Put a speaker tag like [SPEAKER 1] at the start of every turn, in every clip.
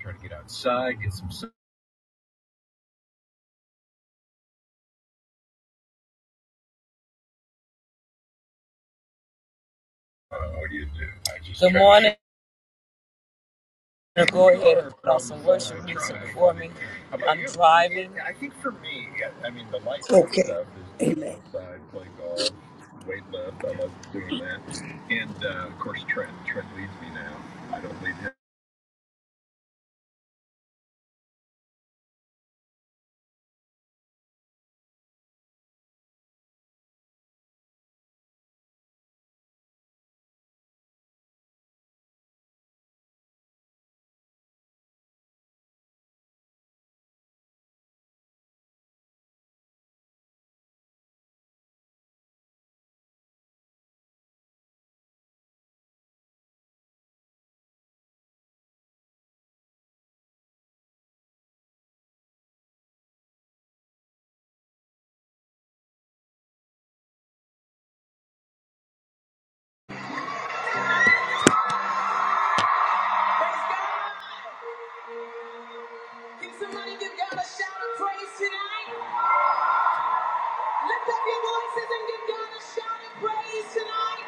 [SPEAKER 1] Try to get outside, get some sun. Uh, what do you do? I just Good morning. I'm gonna Go ahead and put on some worship music for me. I'm driving. I I I I think for me, me mean, the light stuff is
[SPEAKER 2] Okay. Amen.
[SPEAKER 1] outside, play golf, weight lift. I love doing that. And uh, of course, Trent. Trent leads me now. I don't lead him.
[SPEAKER 2] Can somebody give God a shout of praise tonight? Lift up your voices and give God a shout of praise tonight.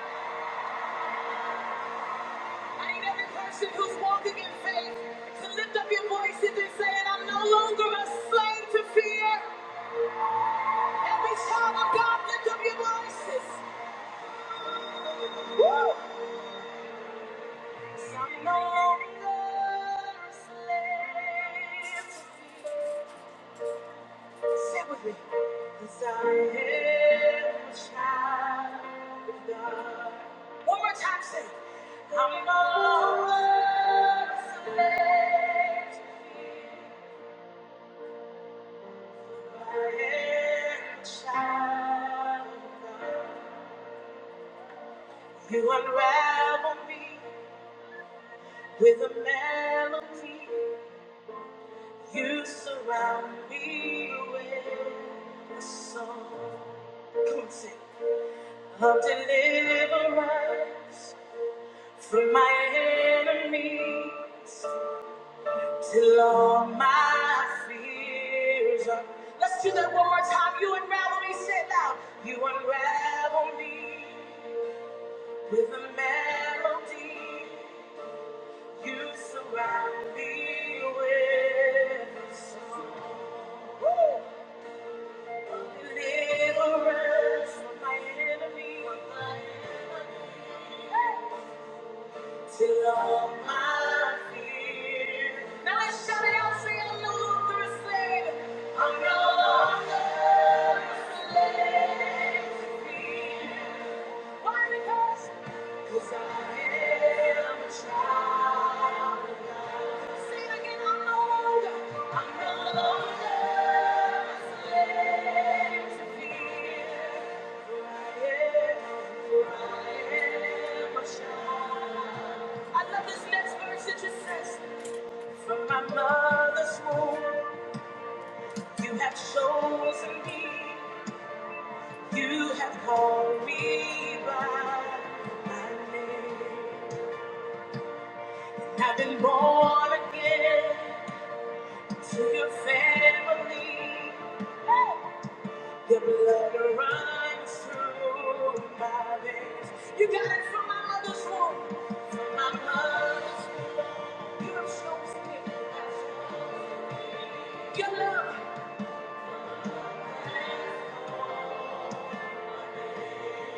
[SPEAKER 2] I need every person who's walking in faith to lift up your voices and say, it, I'm no longer a slave to fear. Every child of God, lift up your voices. Woo! Yes, I'm no longer a slave. Sit with me. Cause I am a child of God. One more time, say, I'm always amazed I am a child of God. You unravel me with a melody. You surround me with a song. Come on, sing. Of deliverance. from my enemies till all my fears are. Let's do that one more time. You unravel me, say it loud. You unravel me with a melody. You surround me with a song. Woo! Deliverance from my enemies. Hey! Till all my fears. Now I shout it out, say I'm no longer a slave. I'm no longer a slave to fear. Why? Because 'Cause I am a child. I love this next verse. It just says, From my mother's womb, you have chosen me. You have called me by my name. I've been born again. to your family. Your blood runs through my veins. You got it from my mother's womb, from my mother's womb. You have chosen me your love.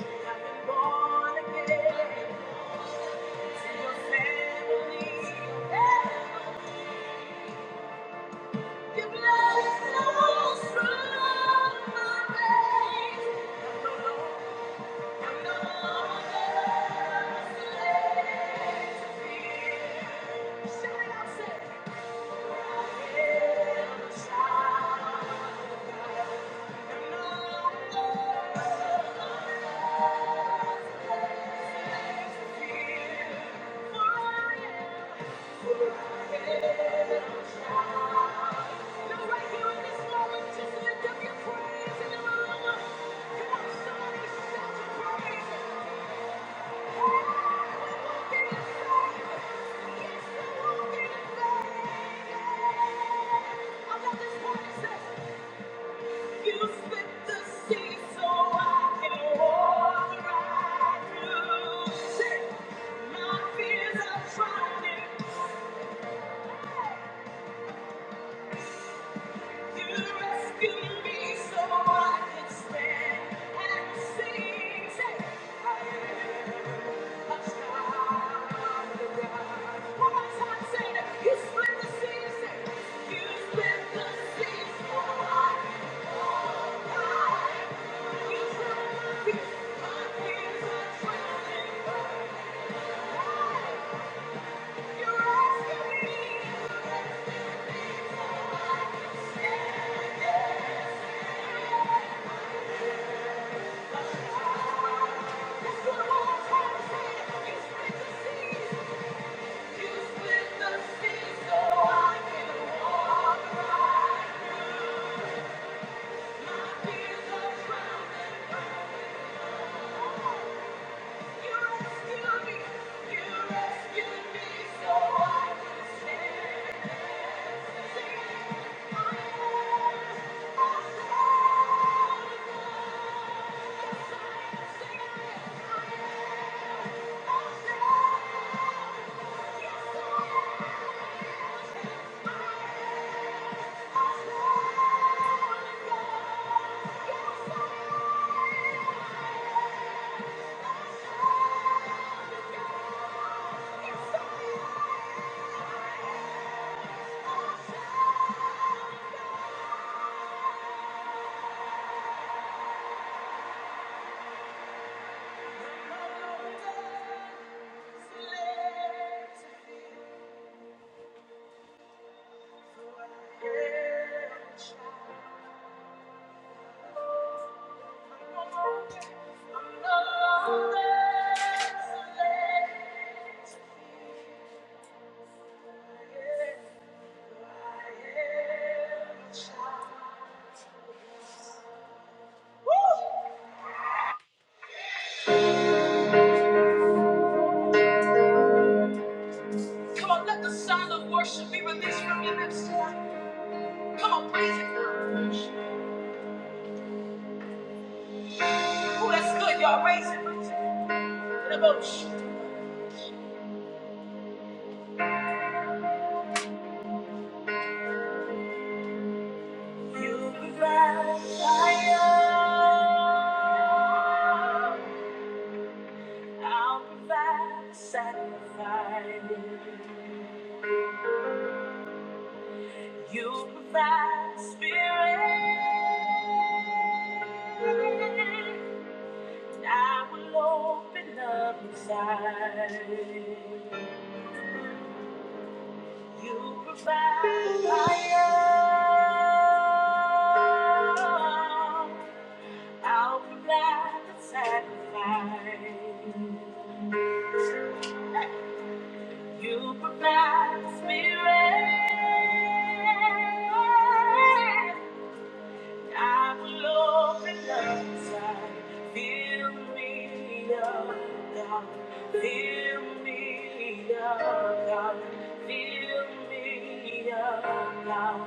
[SPEAKER 2] I've been born again to your family. Your blood flows through my veins. Just lift up your praise in the room. Come on, somebody shout your praise. Yeah. Thank you. Thank you. Yeah. Come on, let the sound of worship be released from your lips. Come on, praise it. Oh, that's good, y'all. Raise it. Get up, oh, sh- You provide fire. I'll provide sacrifice. You provide the spirit, and I will open up inside. You provide fire, I'll provide the sacrifice. You provide the spirit. I will open up inside. Fill me up, God. Fill me up, God. Fill me up, God.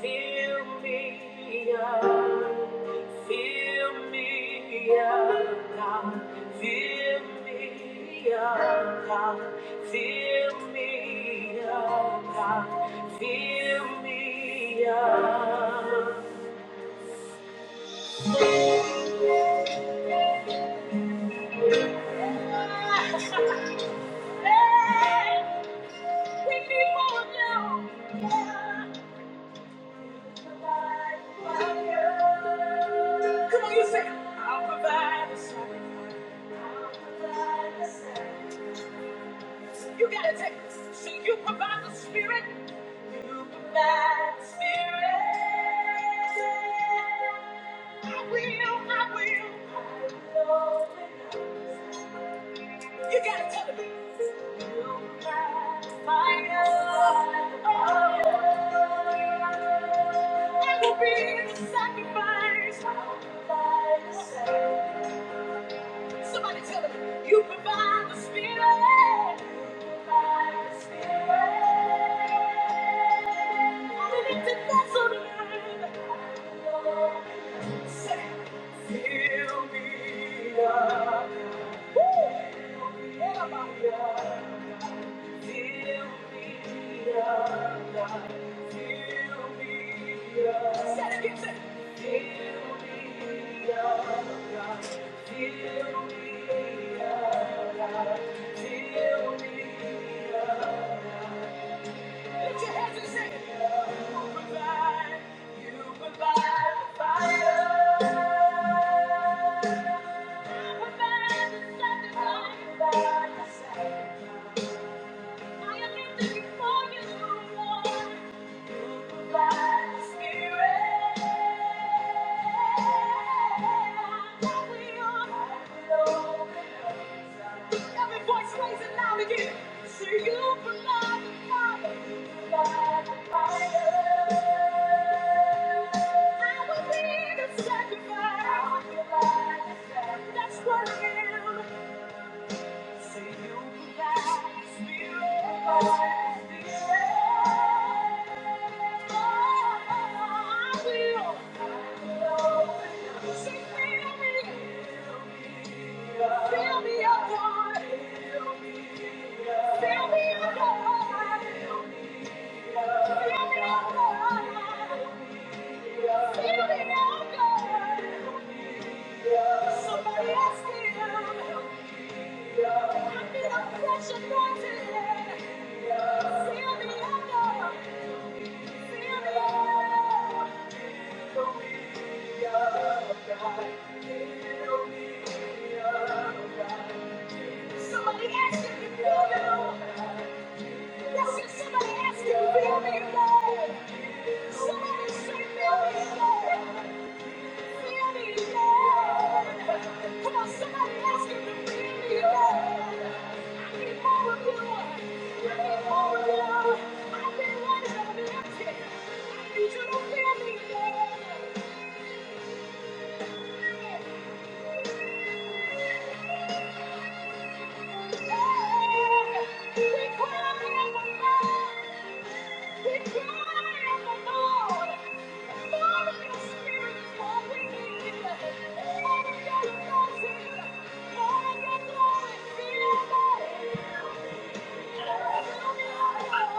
[SPEAKER 2] Fill me up. Fill me up, God. Fill me up, God. Fill me up, God. Fill me up. Come on, you say, I'll provide the sacrifice. I'll provide the sacrifice. You gotta take this. So you provide the spirit. You provide the spirit. I will, I will. I will. You gotta tell me. You light the fire. Oh, I will be the sacrifice. sacrifice. Somebody tell me. You provide the spirit. You provide the spirit. I'm an empty vessel to burn. Provide, you provide the fire. We're better than sacrifice. Every voice raise it loud again. See you provide the fire. Provide the fire. I will be the sacrifice. I will the sacrifice. That's what I am. Somebody else can help me. Somebody ask you to fill you. That's it. Somebody ask you to feel me. Somebody say feel me. I need you. to feel me Lord. Thank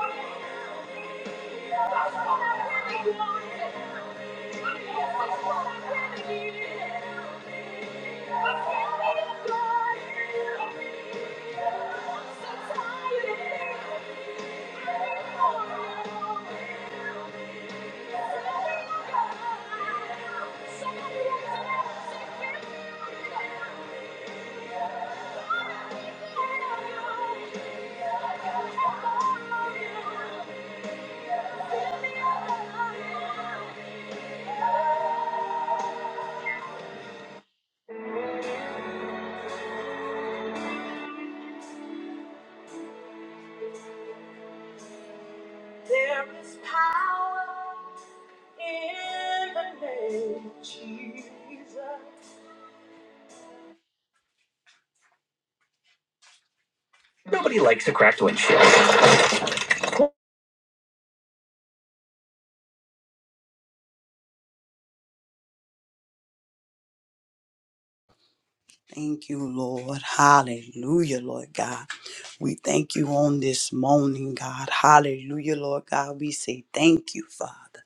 [SPEAKER 2] you. Thank you. There is power in the name of Jesus. Nobody likes a cracked windshield. Thank you, Lord. Hallelujah, Lord God. We thank you on this morning, God. Hallelujah, Lord God. We say thank you, Father.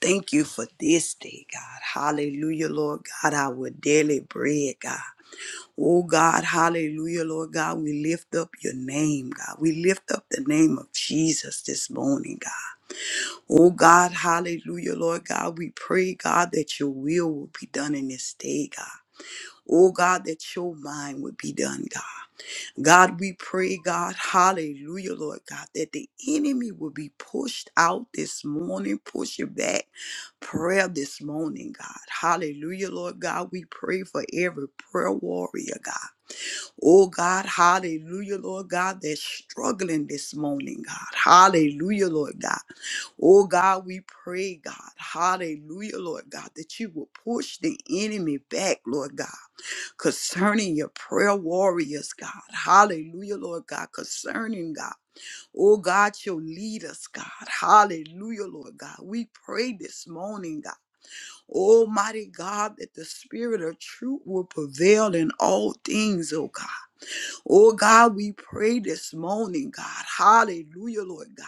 [SPEAKER 2] Thank you for this day, God. Hallelujah, Lord God. Our daily bread, God. Oh God, hallelujah, Lord God. We lift up your name, God. We lift up the name of Jesus this morning, God. Oh God, hallelujah, Lord God, we pray, God, that your will will be done in this day, God. Oh God, that your mind would be done, God. God, we pray, God, hallelujah, Lord God, that the enemy will be pushed out this morning, push it back. Prayer this morning, God. Hallelujah, Lord God. We pray for every prayer warrior, God. Oh God, hallelujah, Lord God, they're struggling this morning, God. Hallelujah, Lord God. Oh God, we pray, God. Hallelujah, Lord God, that you will push the enemy back, Lord God, concerning your prayer warriors, God. Hallelujah, Lord God, concerning God. Oh God, your leaders, God. Hallelujah, Lord God. We pray this morning, God. Almighty God, that the spirit of truth will prevail in all things, oh God. Oh God, we pray this morning, God. Hallelujah, Lord God.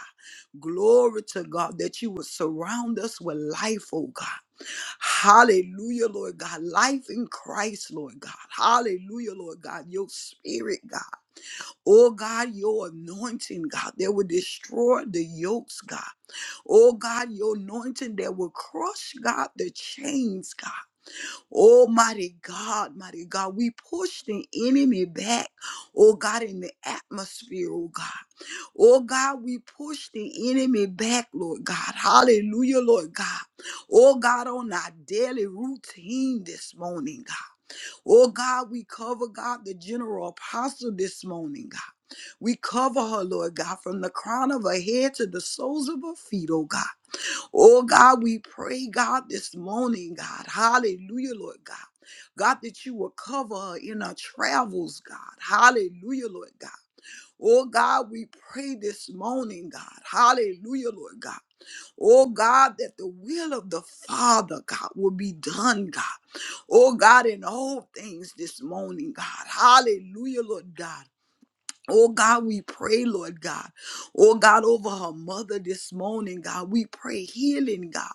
[SPEAKER 2] Glory to God that you would surround us with life, oh God. Hallelujah, Lord God. Life in Christ, Lord God. Hallelujah, Lord God. Your spirit, God. Oh God, your anointing, God, that will destroy the yokes, God. Oh God, your anointing that will crush, God, the chains, God. Oh, mighty God, mighty God, we push the enemy back, oh God, in the atmosphere, oh God. Oh God, we push the enemy back, Lord God. Hallelujah, Lord God. Oh God, on our daily routine this morning, God. Oh God, we cover God, the general apostle this morning, God. We cover her, Lord God, from the crown of her head to the soles of her feet, oh God. Oh God, we pray, God, this morning, God. Hallelujah, Lord God. God, that you will cover her in her travels, God. Hallelujah, Lord God. Oh God, we pray this morning, God. Hallelujah, Lord God. Oh God, that the will of the Father, God, will be done, God. Oh God, in all things this morning, God. Hallelujah, Lord God. Oh God, we pray, Lord God. Oh God, over her mother this morning, God, we pray healing, God.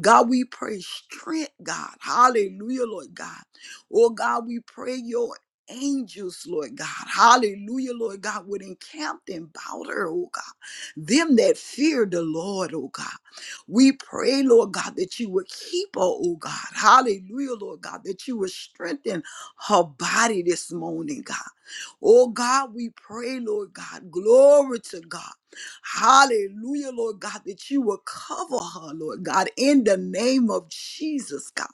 [SPEAKER 2] God, we pray strength, God. Hallelujah, Lord God. Oh God, we pray your angels, Lord God. Hallelujah, Lord God, would encamp them about her, oh God. Them that fear the Lord, oh God. We pray, Lord God, that you would keep her, oh God. Hallelujah, Lord God, that you would strengthen her body this morning, God. Oh God, we pray, Lord God, glory to God. Hallelujah, Lord God, that you will cover her, Lord God, in the name of Jesus, God.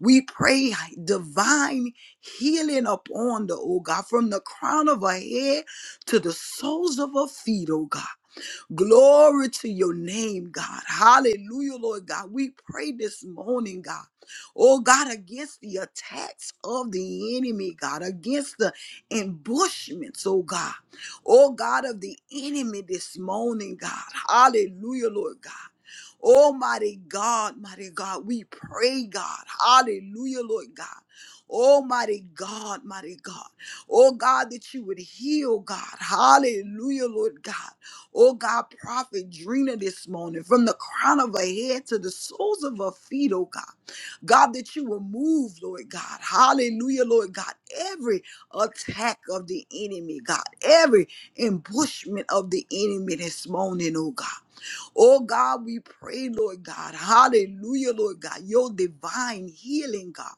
[SPEAKER 2] We pray divine healing upon the, oh God, from the crown of her head to the soles of her feet, oh God. Glory to your name, God. Hallelujah, Lord God. We pray this morning, God. Oh, God, against the attacks of the enemy, God, against the ambushments, oh, God. Oh, God, of the enemy this morning, God. Hallelujah, Lord God. Almighty God, mighty God, we pray, God. Hallelujah, Lord God. Almighty God, mighty God. Oh God, that you would heal, God. Hallelujah, Lord God. Oh God, prophet Drina this morning, from the crown of her head to the soles of her feet, oh God. God, that you will move, Lord God. Hallelujah, Lord God. Every attack of the enemy, God, every ambushment of the enemy this morning, oh God. Oh God, we pray, Lord God. Hallelujah, Lord God. Your divine healing, God.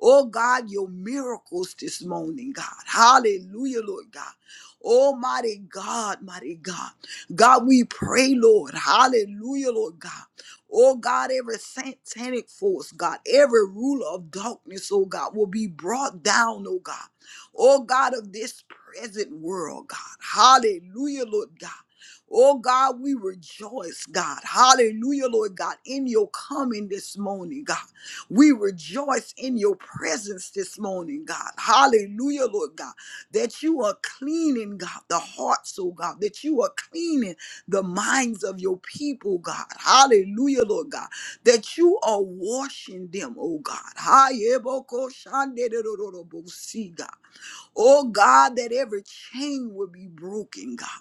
[SPEAKER 2] Oh God, your miracles this morning, God. Hallelujah, Lord God. Almighty God, mighty God. God, we pray, Lord. Hallelujah, Lord God. Oh God, every satanic force, God, every ruler of darkness, oh God, will be brought down, oh God. Oh God of this present world, God. Hallelujah, Lord God. Oh God, we rejoice, God. Hallelujah, Lord God, in your coming this morning, God. We rejoice in your presence this morning, God. Hallelujah, Lord God, that you are cleaning, God, the hearts, oh God, that you are cleaning the minds of your people, God. Hallelujah, Lord God, that you are washing them, oh God. Hayebokoshanderororobosi, God. Oh God, that every chain will be broken, God.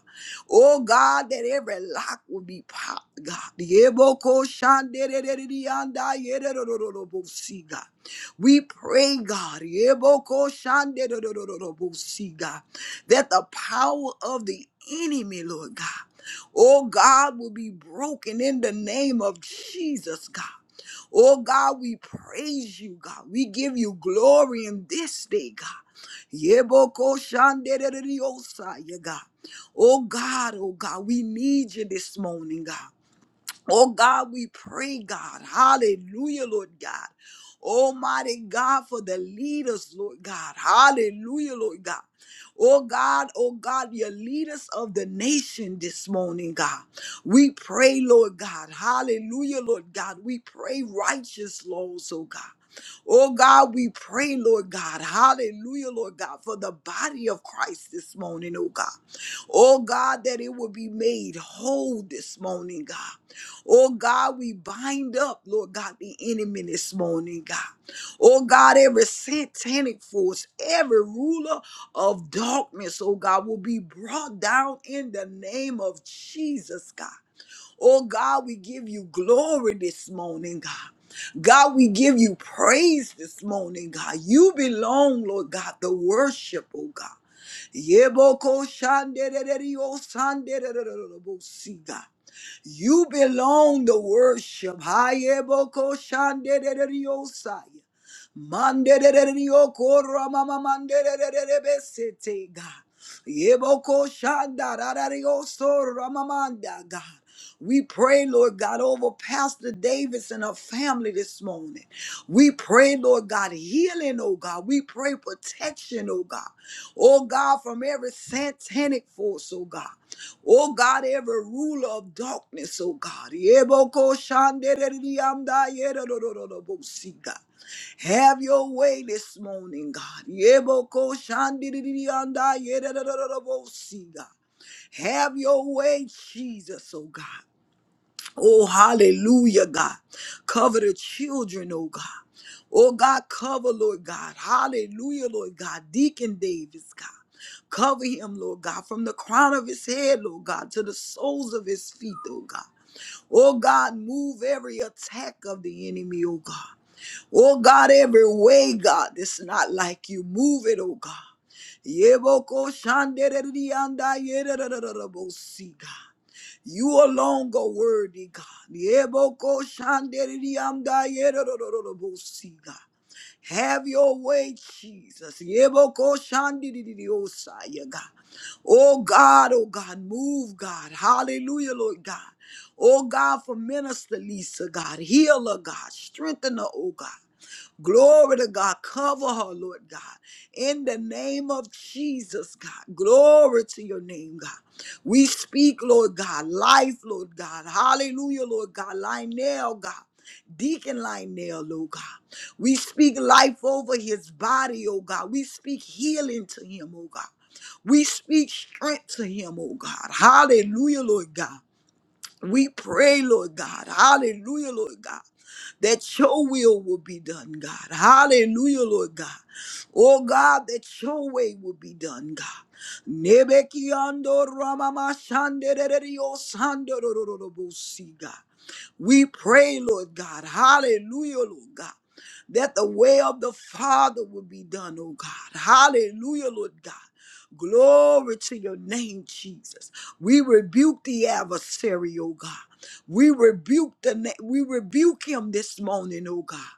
[SPEAKER 2] Oh God, that every lock will be popped, God. Yeboko shanderereriyanda yererorororobosi, God. We pray, God, yeboko shandererororobosi, God, that the power of the enemy, Lord God, oh God, will be broken in the name of Jesus, God. Oh God, we praise you, God. We give you glory in this day, God. Yeboko shanderereriosa, yeah, God. Oh God, oh God, we need you this morning, God. Oh God, we pray, God. Hallelujah, Lord God. Almighty God, for the leaders, Lord God. Hallelujah, Lord God. Oh God, oh God, your leaders of the nation this morning, God. We pray, Lord God. Hallelujah, Lord God. We pray righteous laws, oh God. Oh God, we pray, Lord God. Hallelujah, Lord God, for the body of Christ this morning, oh God. Oh God, that it will be made whole this morning, God. Oh God, we bind up, Lord God, the enemy this morning, God. Oh God, every satanic force, every ruler of darkness, oh God, will be brought down in the name of Jesus, God. Oh God, we give you glory this morning, God. God, we give you praise this morning, God. You belong, Lord God, the worship, oh God. Yeboko shanderereriosandererererebosi, God. You belong to worship. Hayeboko shanderereriosai. Manderererioko ramamamanderererebesete, God. Yeboko shandarararioso ramamanda, God. We pray, Lord God, over Pastor Davis and her family this morning. We pray, Lord God, healing, oh God. We pray protection, oh God. Oh God, from every satanic force, oh God. Oh God, every ruler of darkness, oh God. Yeboko shandereriamda yedodododobosika. Have your way this morning, God. Yeboko shandereriamda yedodododobosika. Have your way, Jesus, oh God. Oh, hallelujah, God. Cover the children, oh God. Oh, God, cover, Lord God. Hallelujah, Lord God. Deacon Davis, God. Cover him, Lord God, from the crown of his head, Lord God, to the soles of his feet, oh God. Oh, God, move every attack of the enemy, oh God. Oh God, every way, God, that's not like you. Move it, oh God. Yeboko shandererianda yererererebosi, God. You alone go worthy, God. Yeboko shandererianda yererererebosi, God. Have your way, Jesus. Yeboko shandiririosa, yeah, God. Oh God, oh God, move, God. Hallelujah, Lord God. Oh God, for Minister Lisa, God, heal her, God, strengthen her, oh God. Glory to God. Cover her, Lord God. In the name of Jesus, God. Glory to your name, God. We speak, Lord God, life, Lord God. Hallelujah, Lord God. Lionel, God. Deacon Lionel, Lord God. We speak life over his body, oh God. We speak healing to him, oh God. We speak strength to him, oh God. Hallelujah, Lord God. We pray, Lord God. Hallelujah, Lord God. That your will will be done, God. Hallelujah, Lord God. Oh God, that your way will be done, God. Nebekiando ramama shandererio sandorororobosi, God. We pray, Lord God. Hallelujah, Lord God. That the way of the Father will be done, oh God. Hallelujah, Lord God. Glory to your name, Jesus. We rebuke the adversary, oh God. We rebuke the na- we rebuke him this morning, oh God.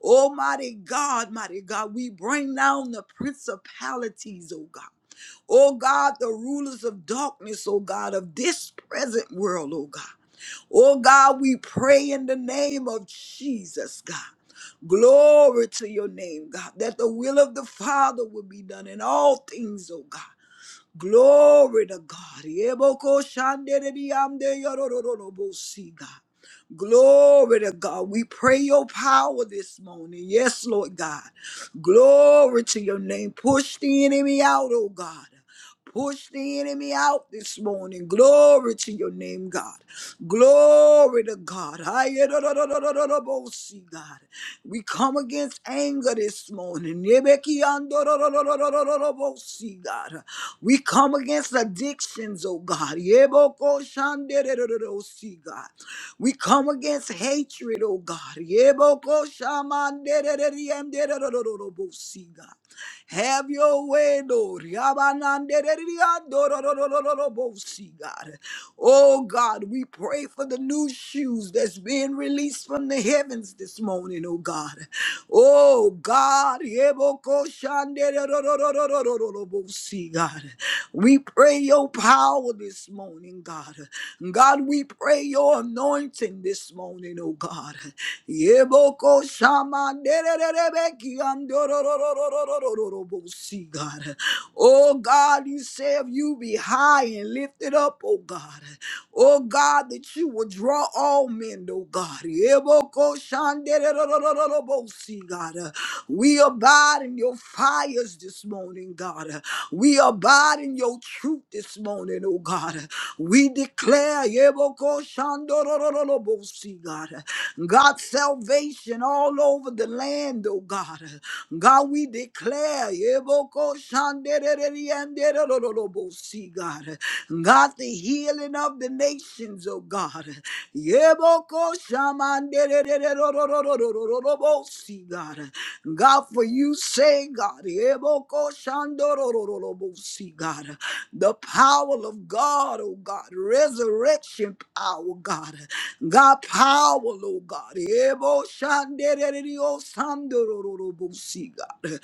[SPEAKER 2] Almighty God, mighty God, we bring down the principalities, oh God. Oh God, the rulers of darkness, oh God, of this present world, oh God. Oh God, we pray in the name of Jesus, God. Glory to your name, God, that the will of the Father will be done in all things, oh God. Glory to God. Yeboko shandere biyande yorororobo si, God. Glory to God. We pray your power this morning. Yes, Lord God. Glory to your name. Push the enemy out, oh God. Push the enemy out this morning. Glory to your name, God. Glory to God. Ayedodododododobosee, God. We come against anger this morning. Yebekiandodododododobosee, God. We come against addictions, oh God. Yebokoshandedodododosee, God. We come against hatred, oh God. Yebokoshamanderereriyemdererorororobosi, God. Have your way, Lord. Yabananderereriyadororororobosi, God. Oh God, we pray for the new shoes that's being released from the heavens this morning, oh God. Oh God, yebokoshandererororororobosi, God. We pray your power this morning, God. God, we pray your your anointing this morning, oh God. Yeboko shama dererereki andorororororororobosi, God. Oh God, you say if you be high and lifted up, oh God. Oh God, that you will draw all men, oh God. Yeboko shan dererororororobosi, God. We abide in your fires this morning, God. We abide in your truth this morning, oh God. We declare Shandorororobosi, God. God, salvation all over the land, oh God. God, we declare. Eboko Shanderererianderororobosi, God. God, the healing of the nations, oh God. Yeboko Shamanderererorororobosi, God. God, for you say, God, Yeboko Shandorororobosi, God, the power of God, oh God, resurrection and power, God. God, power, Lord God. Ebo shandererio sandorororobosi, God.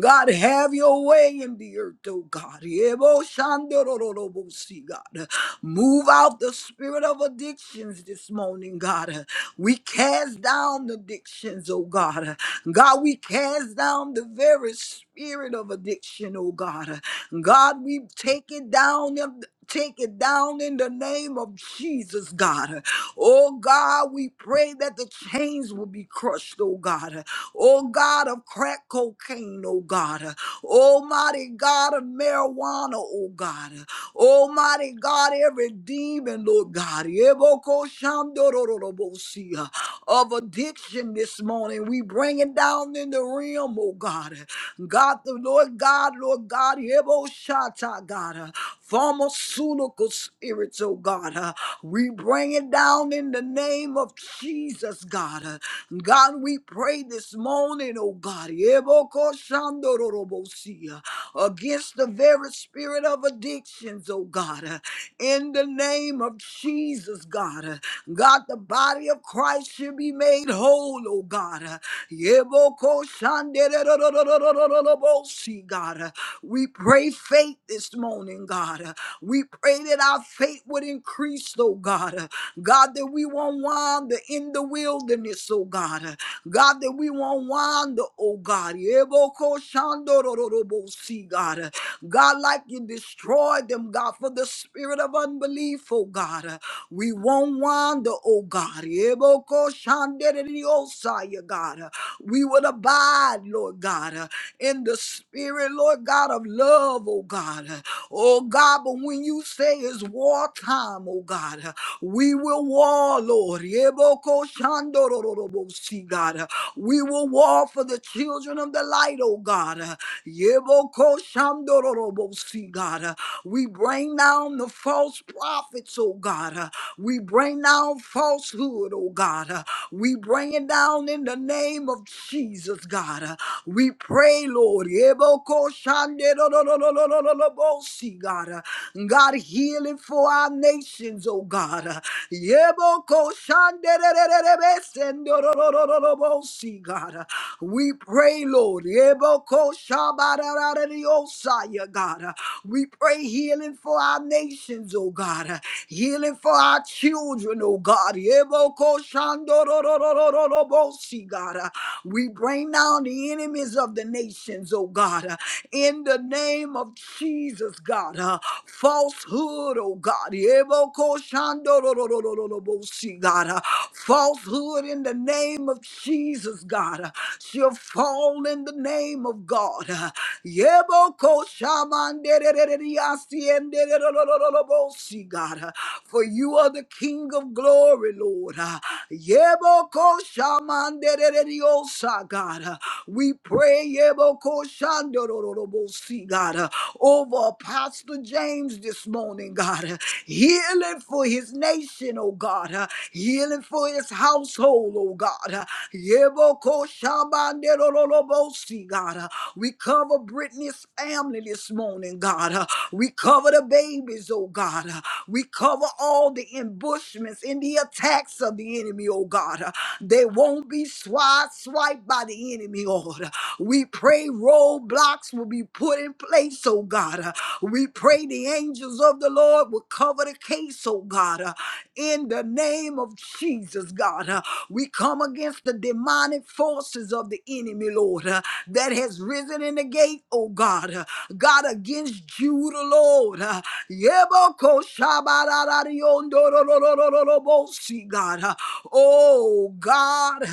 [SPEAKER 2] God, have your way in the earth, oh God. Ebo shandorororobosi, God. Move out the spirit of addictions this morning, God. We cast down the addictions, oh God. God, we cast down the very spirit of addiction, oh God. God, we take it down Take it down in the name of Jesus, God. Oh God, we pray that the chains will be crushed, oh God. Oh God of crack cocaine, oh God. Almighty God of marijuana, oh God. Almighty God, every demon, Lord God. Eboko shandorororobosia Of addiction this morning, we bring it down in the realm, oh God. God, the Lord God, Lord God, Ebo Shata, God pharmaceutical spirits, oh God. Uh, we bring it down in the name of Jesus, God. Uh, God, we pray this morning, oh God, Ebokoshandororobosia, against the very spirit of addictions, oh God, uh, in the name of Jesus, God. Uh, God, the body of Christ should be made whole, oh God. Uh, Ebokoshandorororobosi, God. Uh, we pray faith this morning morning, God. Uh, We pray that our faith would increase, oh God. Uh, God, that we won't wander in the wilderness, oh God. Uh, God, that we won't wander, oh God. Yeboko shandorororobosi, God, Uh, God, like you destroyed them, God, for the spirit of unbelief, oh God. Uh, We won't wander, oh God. Yeboko shandereriosa, yeah, God. Uh, We will abide, Lord God, uh, in the spirit, Lord God, of love, oh God. Oh God, but when you say it's war time, oh God, we will war, Lord. Yeboko shandorororobo, God, we will war for the children of the light, oh God. Yeboko shandorororobo, God, we bring down the false prophets, oh God. We bring down falsehood, oh God. We bring it down in the name of Jesus, God. We pray, Lord. Yeboko shandorororobo, Yebokolobosi, God. Uh, God, healing for our nations, oh God. Uh, Yebokoshanderererebesendororororobosi, God. Uh, We pray, Lord. Yebokoshabarararariosaya, God. Uh, We pray healing for our nations, oh God. Uh, Healing for our children, oh God. Yebokoshandororororobosi, God. Uh, We bring down the enemies of the nations, oh God. Uh, In the name of Jesus, God. Uh, falsehood, oh God. Ebokoshandororororobosi, God. Uh, falsehood in the name of Jesus, God. Uh, she'll fall in the name of God. Uh, Yebokoshamandererereriasiendererorororobosi, God. Uh, for you are the King of glory, Lord. Uh, Yebokoshamandererereriosa, God. Uh, we pray, Yebokoshandorororobosi, God. God, uh, over Apostle James this morning, God. uh, Healing for his nation, oh God. uh, Healing for his household, oh God. uh, Yeboko shabanderololobosi, God. uh, We cover Brittany's family this morning, God. uh, We cover the babies, oh God. uh, We cover all the ambushments and the attacks of the enemy, oh God. uh, They won't be swiped, swiped by the enemy, oh God. We pray roadblocks will be put in taking place, oh God. Uh, We pray the angels of the Lord will cover the case, oh God, uh, in the name of Jesus, God. Uh, We come against the demonic forces of the enemy, Lord, uh, that has risen in the gate, oh God. Uh, God, against Judah, Lord. Uh, Yeboko shabararariyondororororobosi, God. Uh, Oh God.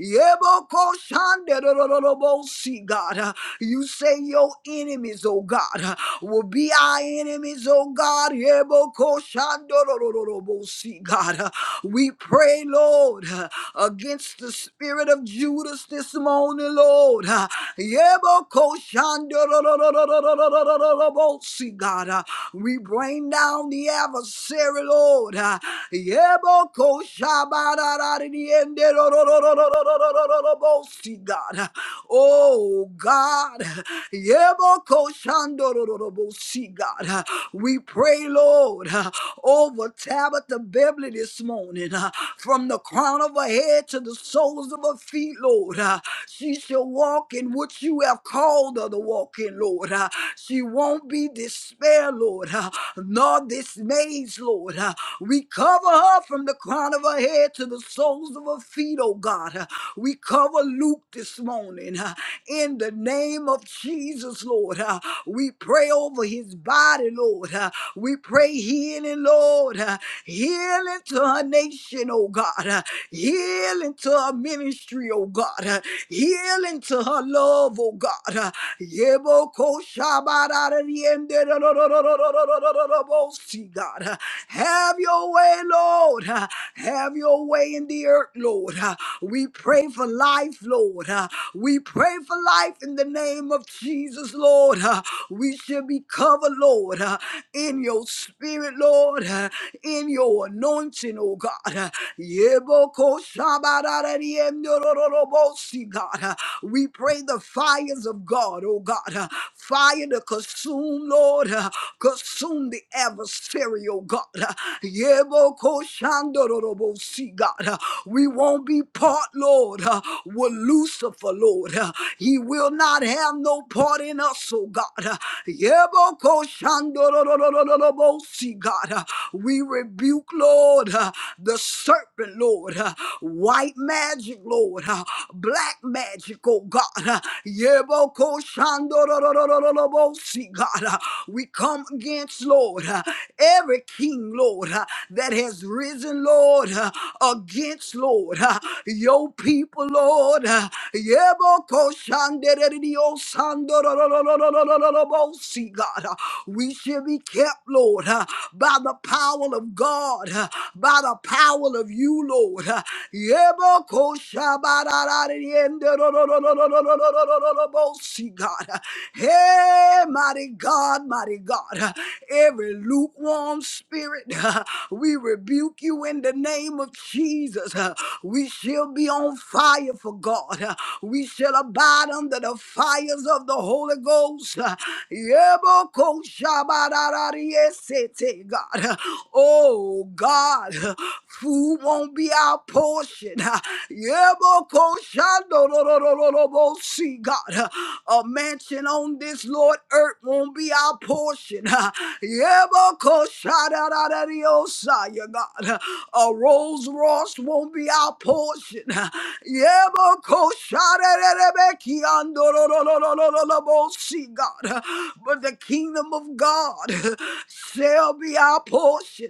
[SPEAKER 2] Yeboko shanderororobosi, God. Uh, You say your enemies, oh God, will be our enemies, oh God. Ebokoshandorororobosi, God, we pray, Lord, against the spirit of Judas this morning, Lord. Ebokoshandorororobosi, God, we bring down the adversary, Lord. Ebokoshabarararienderorororobosi, God. Oh God. See, God, uh, we pray, Lord, uh, over Tabitha Beverly this morning, uh, from the crown of her head to the soles of her feet, Lord. uh, She shall walk in what you have called her to walk in, Lord. uh, She won't be despair, Lord, uh, nor dismayed, Lord. uh, We cover her from the crown of her head to the soles of her feet, oh God. uh, We cover Luke this morning uh, in the name of Jesus, Lord. Uh, we pray over his body, Lord. Uh, we pray healing, Lord. Uh, healing to our nation, oh God. Uh, healing to our ministry, oh God. Uh, healing to her love, oh God. Uh, Yeboko shabarariende do- do- do- do- do- do- do- do- do- do- do- bo- see, God. Uh, Have your way, Lord. Uh, Have your way in the earth, Lord. Uh, We pray for life, Lord. Uh, We pray for life in the name name of Jesus, Lord. Uh, We shall be covered, Lord, uh, in your spirit, Lord, uh, in your anointing, oh God. Uh, Yeboko shabarari emyorororobosi, God. Uh, We pray the fires of God, oh God. uh, Fire to consume, Lord. uh, Consume the adversary, oh God. Uh, Yeboko shandororobosi, God. Uh, We won't be part, Lord, uh, with Lucifer, Lord. Uh, He will not God, have no part in us, oh God. Yebokoshandororororobosi, God. We rebuke, Lord, uh, the serpent, Lord, uh, white magic, Lord, uh, black magic, oh God. uh, Yebokoshandororororobosi, God. Uh, We come against, Lord, uh, every king, Lord, uh, that has risen, Lord, uh, against, Lord, uh, your people, Lord. uh, Yebokoshandorororobosi, Shandorororororororobosi, God. Uh, We should be kept, Lord, uh, by the power of God, uh, by the power of you, Lord. Uh, Yebokoshabararariendorororororororobosi, God. Uh, Hey, mighty God, mighty God. Uh, Every lukewarm spirit, uh, we rebuke you in the name of Jesus. Uh, We shall be on fire for God. Uh, We shall abide God, under the fires of the Holy Ghost. Yebokoshabararariesete, God. Oh, God, food won't be our portion. Yebokoshandororororobosi, God. A mansion on this, Lord, earth won't be our portion. Yebokoshadararariosa, yeah, God. A Rolls Royce won't be our portion. Yebokoshadararariosa, See God, but the kingdom of God shall be our portion.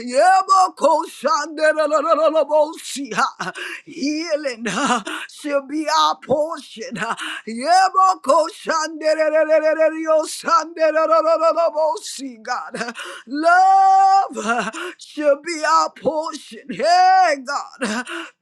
[SPEAKER 2] Yebokoshanderolololobosi, ha. Healing ha, shall be our portion. ha. Yebokoshandererererereriosanderolololobosi, God, love ha, shall be our portion. Hey, God,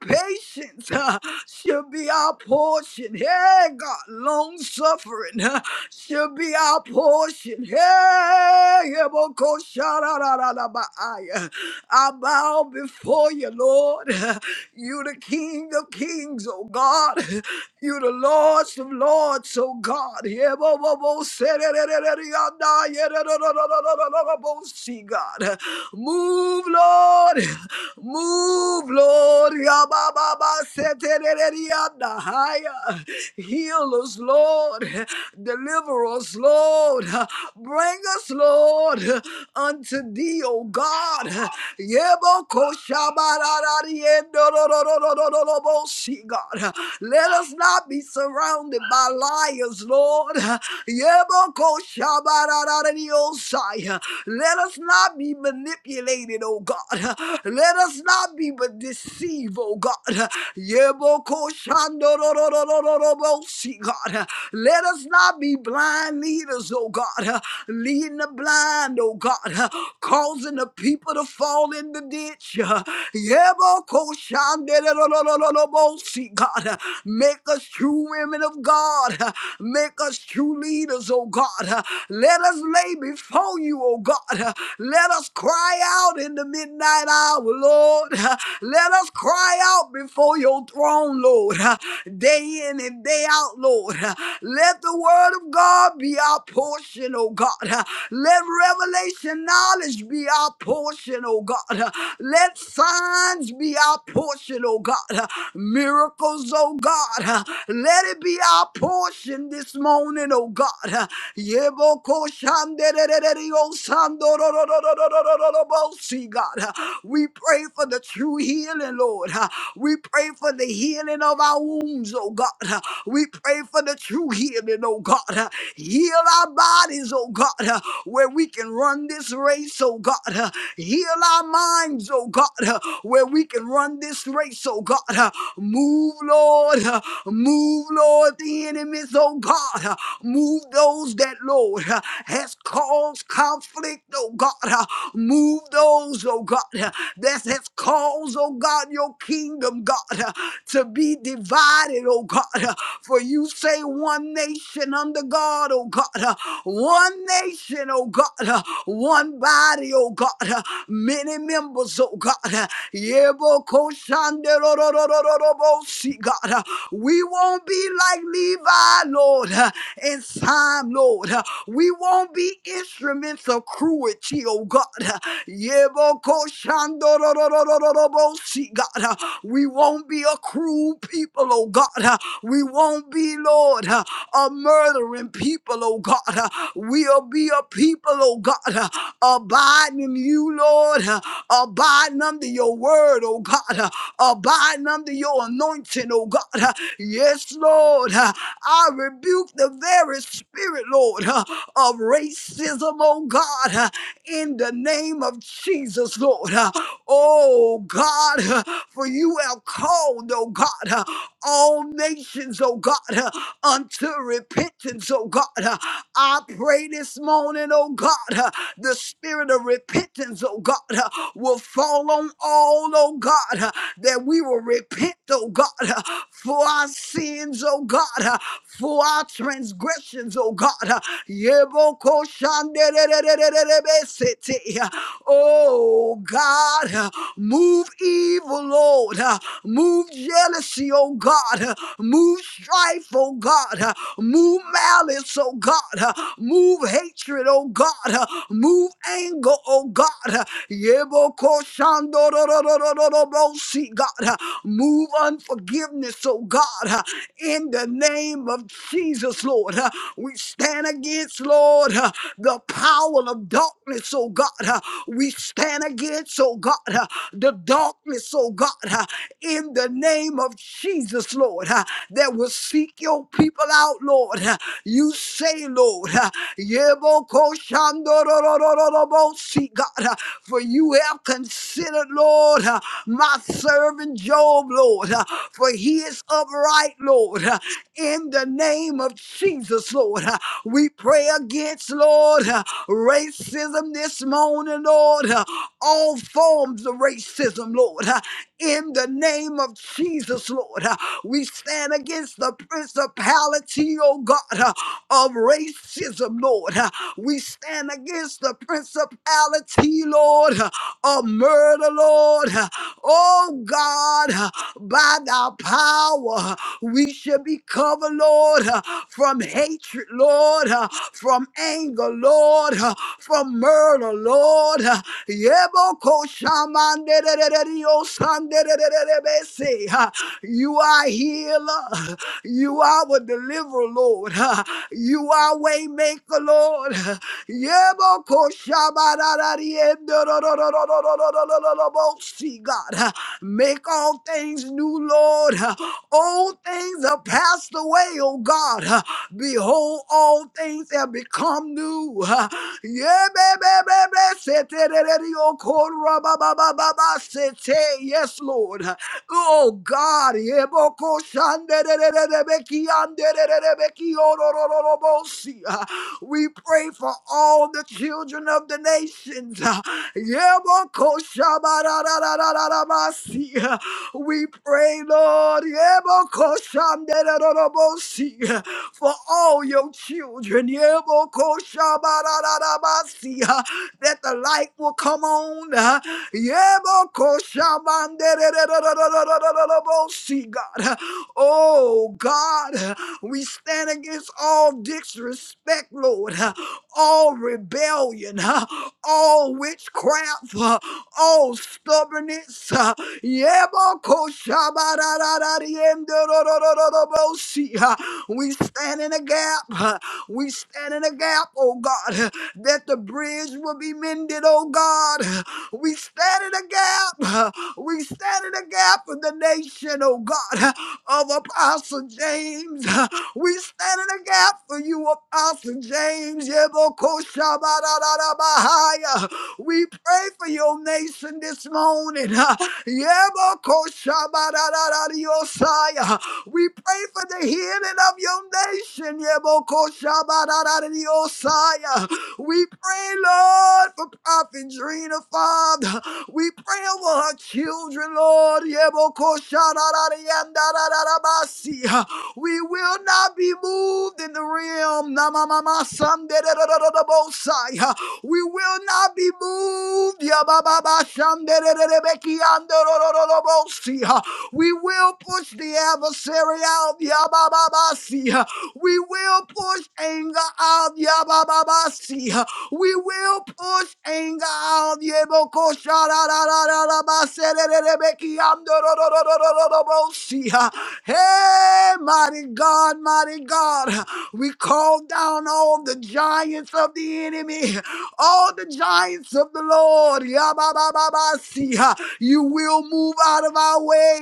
[SPEAKER 2] patience ha, shall be our portion portion. Hey, God, long suffering should be our portion. Hey, Yaboko, shadadadadabaaya. I bow before you, Lord. You the King of kings, oh God. You the Lords of lords, oh God. Yebobobo, sededededeyanda, yedededededededededebo, See, God. Move, Lord. Move, Lord. Yabababa, setedededeyanda. Higher. Heal us, Lord. Deliver us, Lord. Bring us, Lord, unto thee, O God. See, God. Let us not be surrounded by liars, Lord. Yebokoshabararariosai. Let us not be manipulated, O God. Let us not be deceived, O God. Yebokoshabararariosai. See, God, let us not be blind leaders, oh God, leading the blind, oh God, causing the people to fall in the ditch. See, God, make us true women of God, make us true leaders, oh God. Let us lay before you, oh God. Let us cry out in the midnight hour, Lord. Let us cry out before your throne, Lord. Lord, uh, day in and day out, Lord. uh, Let the word of God be our portion, oh God. uh, Let revelation knowledge be our portion, oh God. uh, Let signs be our portion, oh God. uh, Miracles, oh God. uh, Let it be our portion this morning, oh God. uh, Yebokoshandererereriosamdororororororobosi, God. uh, We pray for the true healing, Lord. uh, We pray for the healing healing of our wounds, oh God. We pray for the true healing, oh God. Heal our bodies, oh God, where we can run this race, oh God. Heal our minds, oh God, where we can run this race, oh God. Move, Lord. Move, Lord, the enemies, oh God. Move those that, Lord, has caused conflict, oh God. Move those, oh God, that has caused, oh God, your kingdom, God to be divided, oh God. For you say one nation under God, oh God. One nation, oh God. One body, oh God. Many members, oh God. Yebokoshanderororororobosi, God. We won't be like Levi, Lord, in time, Lord. We won't be instruments of cruelty, oh God. Yebokoshandororororobosi, God. We won't be be a cruel people, oh God. Uh, We won't be, Lord, uh, a murdering people, oh God. Uh, We'll be a people, oh God, uh, abiding in you, Lord, uh, abiding under your word, oh God, uh, abiding under your anointing, oh God. Uh, Yes, Lord, uh, I rebuke the very spirit, Lord, uh, of racism, oh God, uh, in the name of Jesus, Lord. Uh, Oh God, uh, for you have called, oh God, uh, all nations, oh God, uh, unto repentance, oh God. Uh, I pray this morning, oh God, uh, the spirit of repentance, oh God, uh, will fall on all, oh God, uh, that we will repent, oh God, uh, for our sins, oh God, uh, for our transgressions, oh God. uh, Yebokoshanderererererebesete. Oh God, uh, move evil, Lord. uh, uh, Move jealousy, oh God. uh, Move strife, oh God. uh, Move malice, oh God. uh, Move hatred, oh God. uh, Move anger, oh God. uh, Yebokoshandorororororobosi, God. uh, Move unforgiveness, oh God. uh, In the name of Jesus, Lord. uh, We stand against, Lord, uh, the power of darkness, oh God. uh, We stand against, oh God, uh, the darkness, oh God uh, in the name of Jesus, Lord, uh, that will seek your people out, Lord. uh, You say, Lord, uh, Yebokoshandororororobo, see, God, uh, for you have considered, Lord, uh, my servant Job, Lord, uh, for he is upright, Lord, uh, in the name of Jesus, Lord. uh, We pray against, Lord, uh, racism this morning, Lord, uh, all forms of racism, Lord, uh, in the name of Jesus, Lord. Uh, We stand against the principality, oh God, uh, of racism, Lord. Uh, We stand against the principality, Lord, uh, of murder, Lord. Uh, Oh God, uh, by thy power, uh, we should be covered, Lord, uh, from hatred, Lord, uh, from anger, Lord, uh, from murder, Lord. uh, Yebokoshamanderereriosa. Shandererererebe. Ha. You are healer. You are our deliverer, Lord. You are waymaker, Lord. Yebo koshabararariendororororororororororobo. See, God, make all things new, Lord. Old things are passed away, oh God. Behold, all things have become new. Ha. Yebebebebe, seterereriokorababababa, Hey, Yes, Lord. Oh God, Eboko shandererebeki andererebeki orororobosi. we pray for all the children of the nations. Eboko shabarararararabasi. We pray, Lord, Eboko shandererorobosi, for all your children. Eboko shabararararabasi, That the light will come on. Yebokoshabarararabasi, God. Oh, God. We stand against all disrespect, Lord. All rebellion. All witchcraft. All stubbornness. See, we stand in a gap. We stand in a gap, oh God, that the bridge will be mended, oh God. We stand in a the gap. We stand in the gap for the nation, oh God, of Apostle James. We stand in the gap for you, Apostle James. Yebokoshabarabahaya. We pray for your nation this morning. Yebokoshabarararariosaya. We pray for the healing of your nation. Yebokoshabarararariosaya. We pray, Lord, for Prophet Drina, Father. We pray over her children, Lord. Yebokoshararariandarararabasi. We will not be moved in the realm. Namamamasandededededebosai. We will not be moved. Yabababashandededededebekiandorororobosi. We will push the adversary out. Yabababasi. We will push anger out. Yabababasi. We will push anger out. Hey, mighty God, mighty God, we call down all the giants of the enemy, all the giants of the Lord. Yababababasiya. You will move out of our way.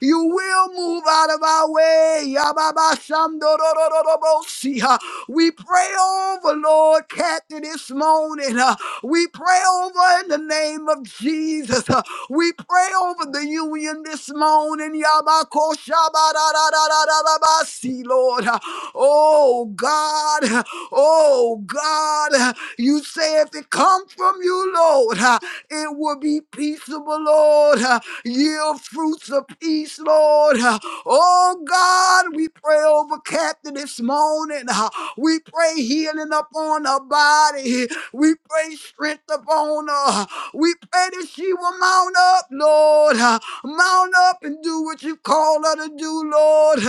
[SPEAKER 2] You will move out of our way. Yababashamdorororobosiya. We pray over, Lord, Kathy this morning. Uh, We pray over in the name of Jesus. Uh, We pray over the union this morning. Yabakoshabadadadadadabasi, Lord. Uh, Oh God. uh, Oh God. uh, You say if it come from you, Lord, uh, it will be peaceable, Lord. uh, Yield fruits of peace, Lord. uh, Oh God, we pray over Captain this morning. uh, We pray healing upon her body. We pray strength upon her. We pray that she will mount up, Lord. Mount up and do what you call her to do, Lord,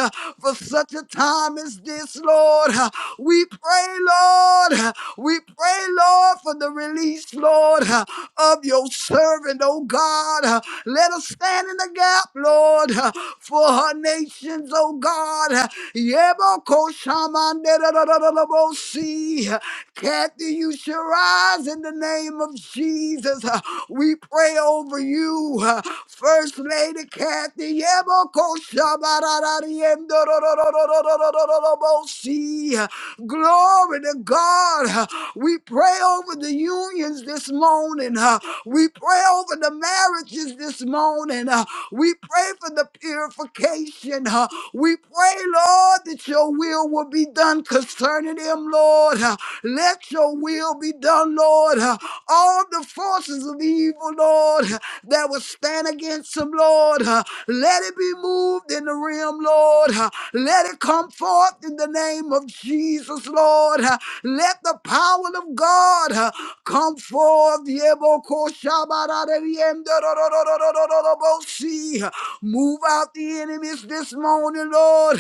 [SPEAKER 2] for such a time as this, Lord. We pray, Lord. We pray, Lord, for the release, Lord, of your servant, oh God. Let us stand in the gap, Lord, for her nations, oh God. Yebokoshamandedadadadabosi. Kathy, you shall rise in the name of Jesus, uh, we pray over you, uh, First Lady Kathy. Yeboko shabararari endororororororororobosi. Uh, Glory to God. Uh, We pray over the unions this morning. uh, We pray over the marriages this morning. uh, We pray for the purification. uh, We pray, Lord, that your will will be done concerning them, Lord. uh, Let your will be done, Lord. uh, all the forces of evil, Lord, that will stand against him, Lord. Let it be moved in the realm, Lord. Let it come forth in the name of Jesus, Lord. Let the power of God come forth. Yebokoshabarareriemdororororororobosi. Move out the enemies this morning, Lord.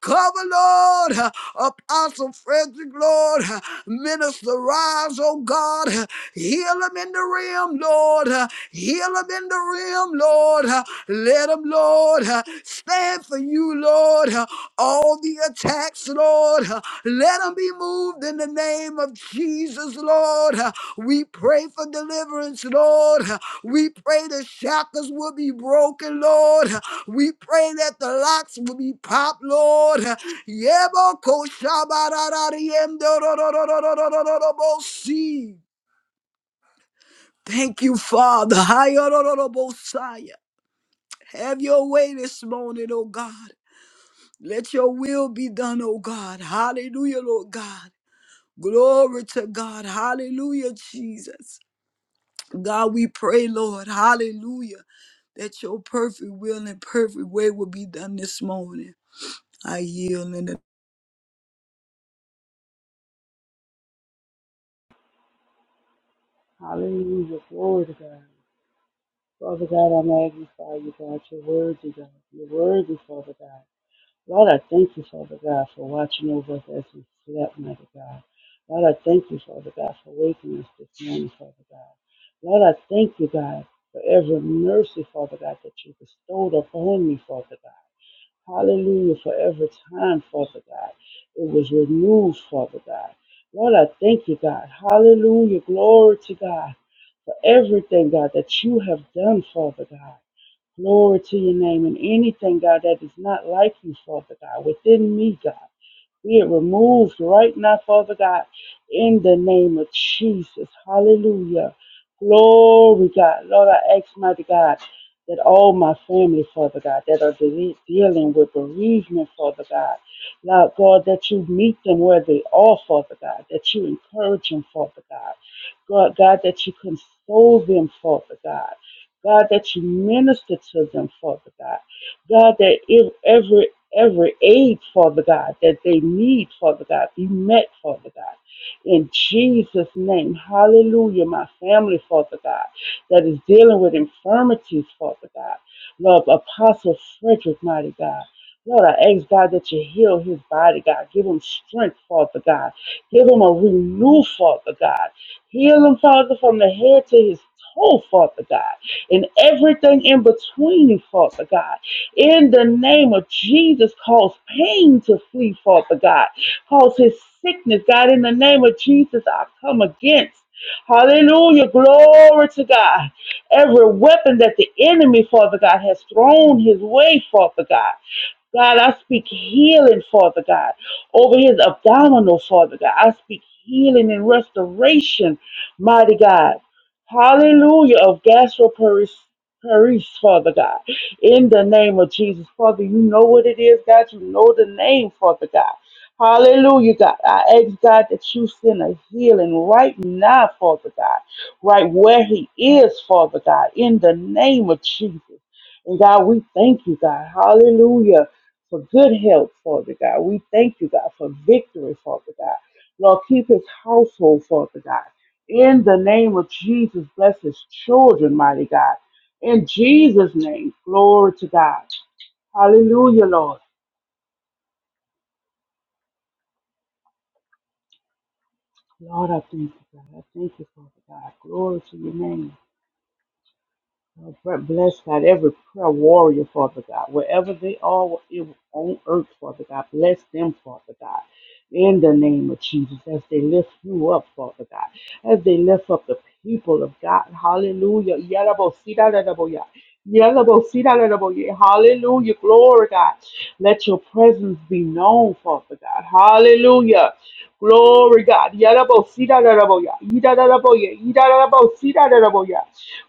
[SPEAKER 2] Cover, Lord. Apostle Frederick, Lord. Minister Rise, oh God. Heal them in the realm, Lord. Heal them in the realm, Lord. Let them, Lord, stand for you, Lord. All the attacks, Lord, let them be moved in the name of Jesus, Lord. We pray for deliverance, Lord. We pray the shackles will be broken, Lord. We pray that the locks will be popped, Lord. Yebokoshabararariemdororororororobosi. Thank you, Father. Hayororobosaya. Have your way this morning, oh God. Let your will be done, oh God. Hallelujah, Lord God. Glory to God. Hallelujah, Jesus. God, we pray, Lord. Hallelujah. That your perfect will and perfect way will be done this morning. I yield in the
[SPEAKER 3] Hallelujah. Glory to God. Father God, I magnify you, God. You're worthy, God. You're worthy, Father God. Lord, I thank you, Father God, for watching over us as we slept, mighty God. Lord, I thank you, Father God, for waking us this morning, Father God. Lord, I thank you, God, for every mercy, Father God, that you bestowed upon me, Father God. Hallelujah. For every time, Father God. It was renewed, Father God. Lord, I thank you, God. Hallelujah. Glory to God. For everything, God, that you have done, Father God. Glory to your name. And anything, God, that is not like you, Father God, within me, God. Be it removed right now, Father God, in the name of Jesus. Hallelujah. Glory, God. Lord, I ask, mighty God, that all my family, Father God, that are de- dealing with bereavement, Father God, Lord God, that you meet them where they are, Father God, that you encourage them, Father God. God, God, that you console them, Father God. God, that you minister to them, Father God. God, that if every every aid, Father God, that they need, Father God, be met, Father God. In Jesus' name, hallelujah, my family, Father God, that is dealing with infirmities, Father God. Lord, Apostle Frederick, mighty God. Lord, I ask God that you heal his body, God. Give him strength, Father God. Give him a renew, Father God. Heal him, Father, from the head to his toe, Father God. And everything in between, Father God. In the name of Jesus, cause pain to flee, Father God. Cause his sickness, God, in the name of Jesus, I come against. Hallelujah. Glory to God. Every weapon that the enemy, Father God, has thrown his way, Father God. God, I speak healing, Father God, over his abdominal, Father God. I speak healing and restoration, mighty God. Hallelujah of gastroparesis, Father God. In the name of Jesus, Father, you know what it is, God. You know the name, Father God. Hallelujah, God. I ask God that you send a healing right now, Father God, right where he is, Father God, in the name of Jesus. And God, we thank you, God. Hallelujah for good health, Father God. We thank you, God, for victory, Father God. Lord, keep his household, Father God. In the name of Jesus, bless his children, mighty God. In Jesus' name, glory to God. Hallelujah, Lord. Lord, I thank you, God. I thank you, Father God. Glory to your name. Lord, b- bless God, every prayer warrior, Father God, wherever they are on earth, Father God, bless them, Father God. in the name of Jesus as they lift you up, Father God, as they lift up the people of God. Hallelujah. Yarabosidaraboya. Yarabosidaraboya. Hallelujah. Glory, God. Let your presence be known, Father God. Hallelujah. Glory, God. Yarabosidaraboya. Yidaraboya. Yidarabosidaraboya.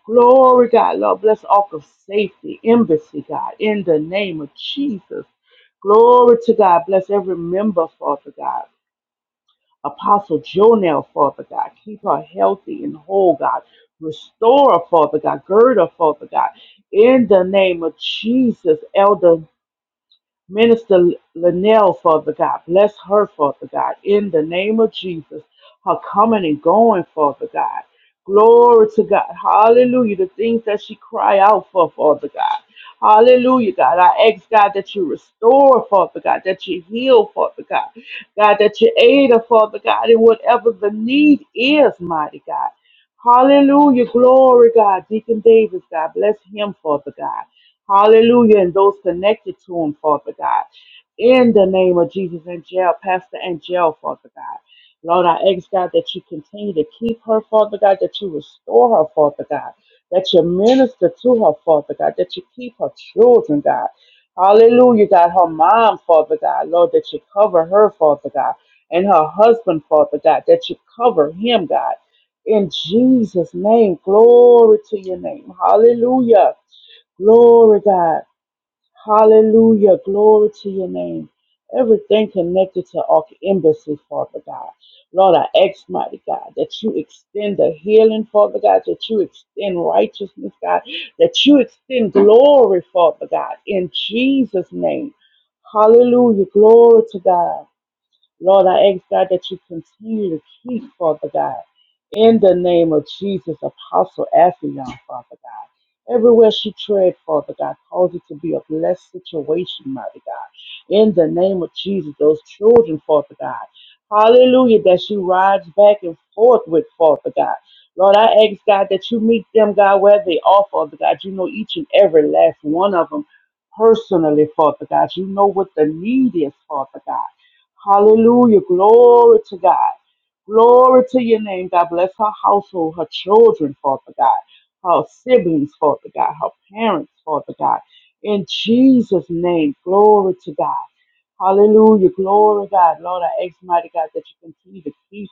[SPEAKER 3] Glory, God. Lord, bless Ark of Safety, Embassy, God, in the name of Jesus. Glory to God. Bless every member, Father God. Apostle Jonell, Father God. Keep her healthy and whole, God. Restore her, Father God. Gird her, Father God. In the name of Jesus, Elder Minister Linnell, Father God. Bless her, Father God. In the name of Jesus, her coming and going, Father God. Glory to God. Hallelujah. The things that she cry out for, Father God. Hallelujah, God. I ask, God, that you restore, Father God, that you heal, Father God. God, that you aid her, Father God, in whatever the need is, mighty God. Hallelujah. Glory, God. Deacon Davis, God. Bless him, Father God. Hallelujah. And those connected to him, Father God. In the name of Jesus and jail, Pastor and jail, Father God. Lord, I ask God that you continue to keep her, Father God, that you restore her, Father God, that you minister to her, Father God, that you keep her children, God. Hallelujah, God, her mom, Father God, Lord, that you cover her, Father God, and her husband, Father God, that you cover him, God. In Jesus' name, glory to your name. Hallelujah. Glory, God. Hallelujah. Glory to your name. Everything connected to our embassy, Father God. Lord, I ask, mighty God, that you extend the healing, Father God, that you extend righteousness, God, that you extend glory, Father God, in Jesus' name. Hallelujah. Glory to God. Lord, I ask God that you continue to keep, Father God, in the name of Jesus, Apostle Afion, Father God. Everywhere she tread, Father God, cause it to be a blessed situation, mighty God. In the name of Jesus, those children, Father God. Hallelujah, that she rides back and forth with, Father God. Lord, I ask God that you meet them, God, where they are, Father God. You know each and every last one of them personally, Father God. You know what the need is, Father God. Hallelujah. Glory to God. Glory to your name, God. Bless her household, her children, Father God, her siblings, Father God, her parents, Father God. In Jesus' name, glory to God. Hallelujah. Glory, God. Lord, I ask, mighty God, that you continue to keep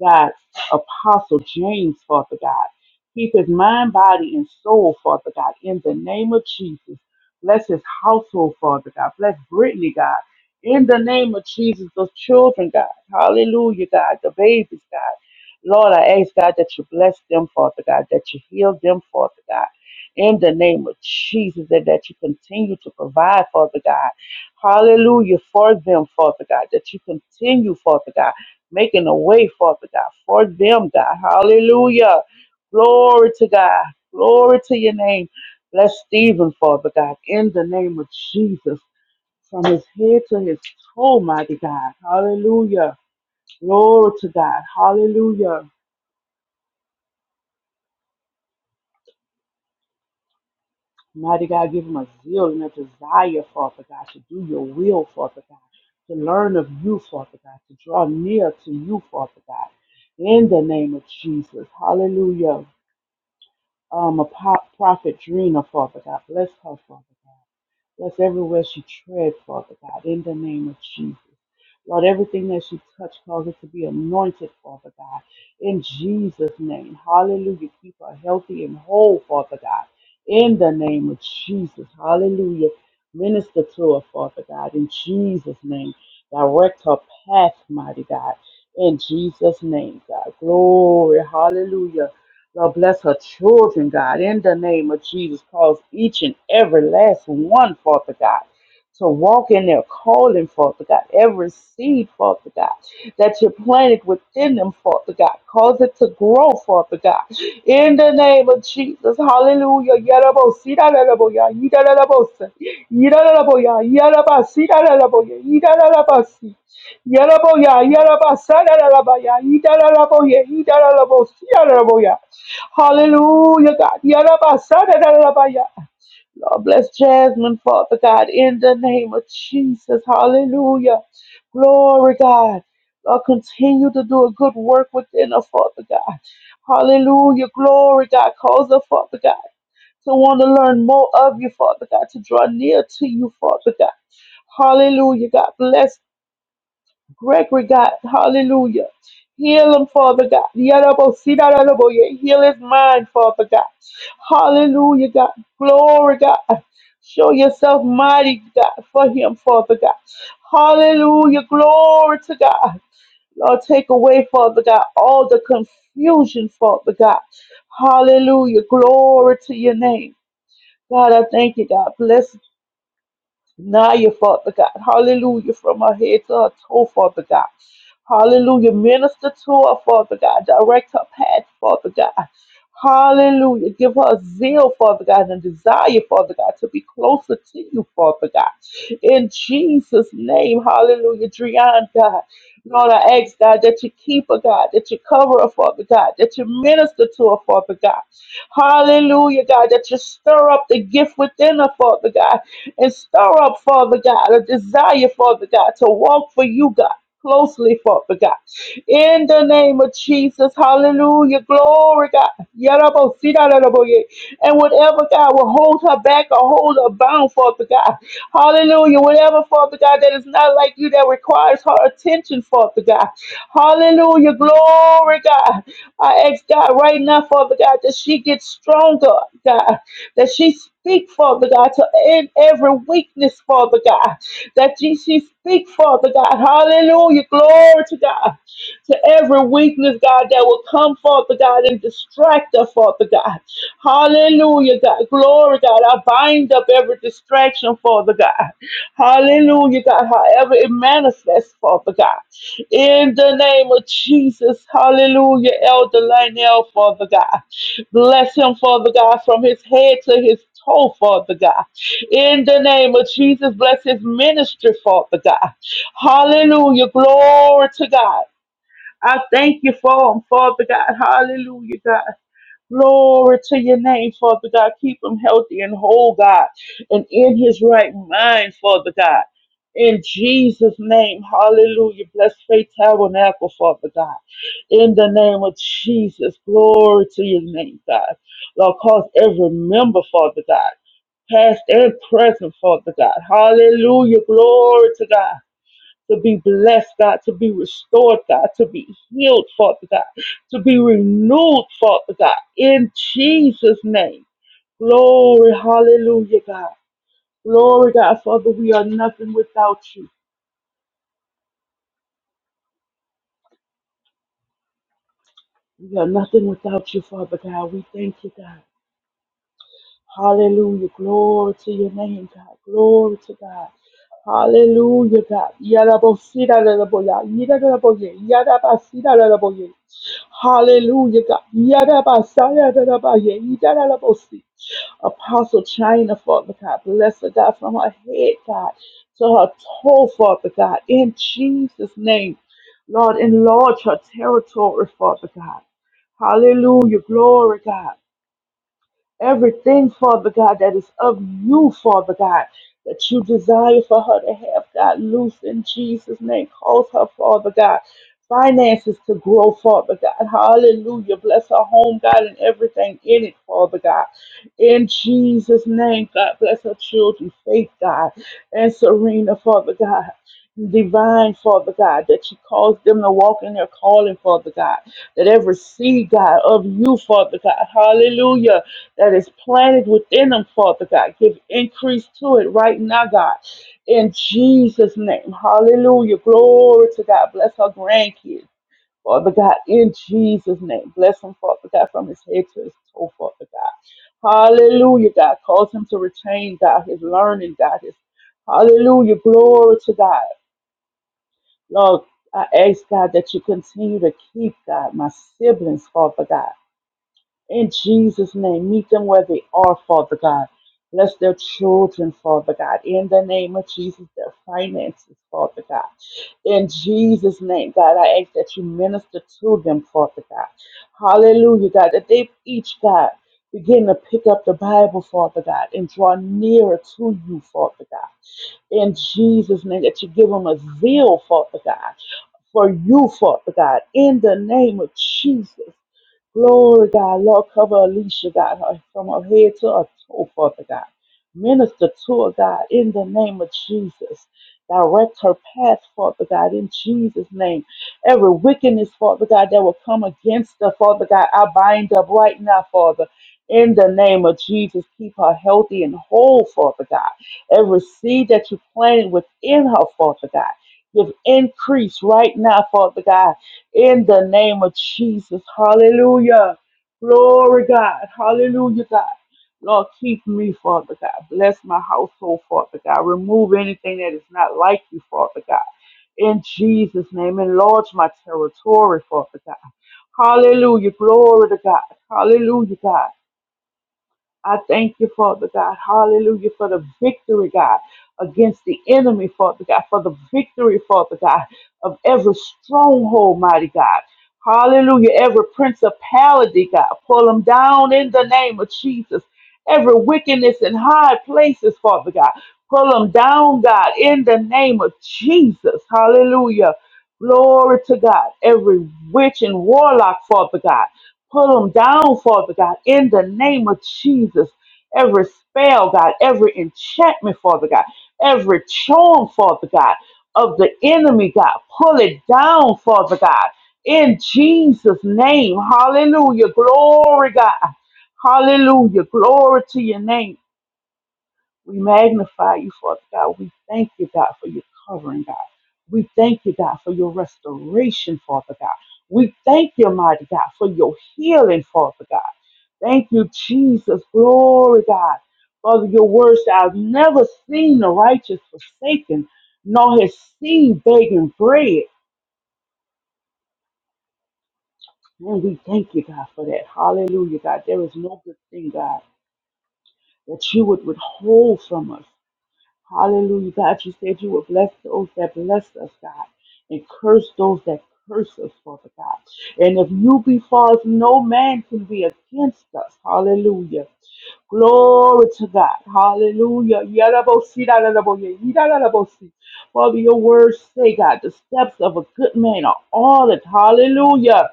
[SPEAKER 3] God, Apostle James, Father God. Keep his mind, body, and soul, Father God, in the name of Jesus. Bless his household, Father God. Bless Brittany, God. In the name of Jesus, those children, God. Hallelujah, God. The babies, God. Lord, I ask, God, that you bless them, Father God, that you heal them, Father God. In the name of Jesus, and that you continue to provide, Father God. Hallelujah for them, Father God, that you continue, Father God, making a way, Father God, for them, God. Hallelujah. Glory to God. Glory to your name. Bless Stephen, Father God, in the name of Jesus from his head to his toe, mighty God. Hallelujah. Glory to God. Hallelujah. Mighty God, give him a zeal and a desire, Father God, to do your will, Father God, to learn of you, Father God, to draw near to you, Father God. In the name of Jesus. Hallelujah. Um, a pop, prophet Drina, Father God. Bless her, Father Bless everywhere she tread, Father God, in the name of Jesus. Lord, everything that she touched, cause it to be anointed, Father God, in Jesus' name. Hallelujah. Keep her healthy and whole, Father God, in the name of Jesus. Hallelujah. Minister to her, Father God, in Jesus' name. Direct her path, mighty God, in Jesus' name, God. Glory. Hallelujah. Lord, bless her children, God, in the name of Jesus. Cause each and every last one, Father God, to walk in their calling, Father God. Every seed, Father God, that you planted within them, Father God. Cause it to grow, Father God. In the name of Jesus. Hallelujah. Yarabosia, yaraboya, yidarabosa, yidaraboya, yarabasi, yaraboya, yidarabasi. Yaraboya, yarabasa, yarabaya, yidaraboya, yidarabosia, yaraboya. Hallelujah, God. Yarabasadadadabaya. Lord, bless Jasmine, Father God, in the name of Jesus. Hallelujah. Glory, God. Lord, continue to do a good work within us, Father God. Hallelujah. Glory, God. Cause us, Father God, to want to learn more of you, Father God, to draw near to you, Father God. Hallelujah. God bless Gregory, God. Hallelujah. Heal him, Father God. Yadabo, sidadadabo, yeah. Heal his mind, Father God. Hallelujah, God. Glory, God. Show yourself mighty, God, for him, Father God. Hallelujah. Glory to God. Lord, take away, Father God, all the confusion, Father God. Hallelujah. Glory to your name. God, I thank you, God. Bless now you, Father God. Hallelujah. From her head to her toe, Father God. Hallelujah. Minister to her, Father God. Direct her path, Father God. Hallelujah. Give her zeal, Father God, and desire, Father God, to be closer to you, Father God. In Jesus' name, hallelujah. Drian, God. Lord, I ask, God, that you keep her, God, that you cover her, Father God, that you minister to her, Father God. Hallelujah, God, that you stir up the gift within her, Father God and stir up, Father God, a desire, Father God, to walk for you, God. Closely, Father God. In the name of Jesus, hallelujah, glory, God. Yarabo, sidarabo, yeah. And whatever, God, will hold her back or hold her bound, Father God. Hallelujah, whatever, Father God, that is not like you that requires her attention, Father Father God. Hallelujah. Glory, God. I ask God right now, Father God, that she gets stronger, God. That she speak, Father God, to end every weakness, Father God. That she, she speak, Father God. Hallelujah. Glory to God. To every weakness, God, that will come, Father God, and distract her, Father God. Hallelujah, God. Glory, God. I bind up every distraction, Father God. Hallelujah, God. However it manifests, Father God. In the name of Jesus, hallelujah, Elder Lionel, Father God. Bless him, Father God, from his head to his toe, Father God. In the name of Jesus, bless his ministry, Father God. Hallelujah, glory to God. I thank you for him, Father God. Hallelujah, God. Glory to your name, Father God. Keep him healthy and whole, God, and in his right mind, Father God. In Jesus' name, hallelujah. Bless Faith Tabernacle, Father God. In the name of Jesus, glory to your name, God. Lord, cause every member, Father God, past and present, Father God. Hallelujah, glory to God to be blessed, God, to be restored, God, to be healed, Father God, to be renewed, Father God, in Jesus' name. Glory, hallelujah, God. Glory, God, Father, we are nothing without you. We are nothing without you, Father God. We thank you, God. Hallelujah. Glory to your name, God. Glory to God. Hallelujah, God. Yadabosira lalaboya. Yadadaboye. Yadabasira lalaboye. Hallelujah, God. Yadabasaya lalabaye. Yadadabosi. Apostle China, Father God. Bless her, God, from her head, God, to her toe, Father God. In Jesus' name, Lord, enlarge her territory, Father God. Hallelujah. Glory, God. Everything, Father God, that is of you, Father God, that you desire for her to have, God, loose in Jesus' name. Cause her, Father God, finances to grow, Father God. Hallelujah. Bless her home, God, and everything in it, Father God. In Jesus' name, God, bless her children, faith, God, and Serena, Father God. Divine, Father God, that you cause them to walk in their calling, Father God that every seed, God, of you, Father God, hallelujah, that is planted within them, Father God, give increase to it right now, God, in Jesus' name, hallelujah, glory to God, bless our grandkids, Father God, in Jesus' name, bless them, Father God, from his head to his toe, Father God, hallelujah, God, cause him to retain, God, his learning, God, his Hallelujah. Glory to God. Lord, I ask God that you continue to keep God, my siblings, Father God. In Jesus' name, meet them where they are, Father God. Bless their children, Father God. In the name of Jesus, their finances, Father God. In Jesus' name, God, I ask that you minister to them, Father God. Hallelujah, God, that they each, God, begin to pick up the Bible, Father God, and draw nearer to you, Father God in Jesus' name, that you give them a zeal, Father God, for you, Father God, in the name of Jesus. Glory, God. Lord, cover Alicia, God, her- from her head to her toe, Father God. Minister to her, God, in the name of Jesus. Direct her path, Father God, in Jesus' name. Every wickedness, Father God, that will come against her, Father God, I bind up right now, Father. In the name of Jesus, keep her healthy and whole, Father God. Every seed that you planted within her, Father God, give increase right now, Father God in the name of Jesus. Hallelujah. Glory, God. Hallelujah, God. Lord, keep me, Father God. Bless my household, Father God. Remove anything that is not like you, Father God. In Jesus' name, enlarge my territory, Father God. Hallelujah. Glory to God. Hallelujah, God. I thank you, Father God. Hallelujah for the victory, God, against the enemy, Father God, for the victory, Father God, of every stronghold, mighty God. Hallelujah. Every principality, God, pull them down in the name of Jesus. Every wickedness in high places, Father God, pull them down, God, in the name of Jesus. Hallelujah. Glory to God. Every witch and warlock, Father God. Pull them down, Father God, in the name of Jesus. Every spell, God, every enchantment, Father God, every charm, Father God, of the enemy, God, pull it down, Father God, in Jesus' name. Hallelujah. Glory, God. Hallelujah. Glory to your name. We magnify you, Father God. We thank you, God, for your covering, God. We thank you, God, for your restoration, Father God. We thank you, mighty God, for your healing, Father God. Thank you, Jesus. Glory, God. Father, your words, I've never seen the righteous forsaken, nor his seen begging bread. And we thank you, God, for that. Hallelujah, God. There is no good thing, God, that you would withhold from us. Hallelujah. God, you said you would bless those that bless us, God, and curse those that curse us, Father God. And if you be for us, no man can be against us. Hallelujah. Glory to God. Hallelujah. Yarabosi, dararaboye, yidarabosi. Father, your words say, God, the steps of a good man are ordered. Hallelujah.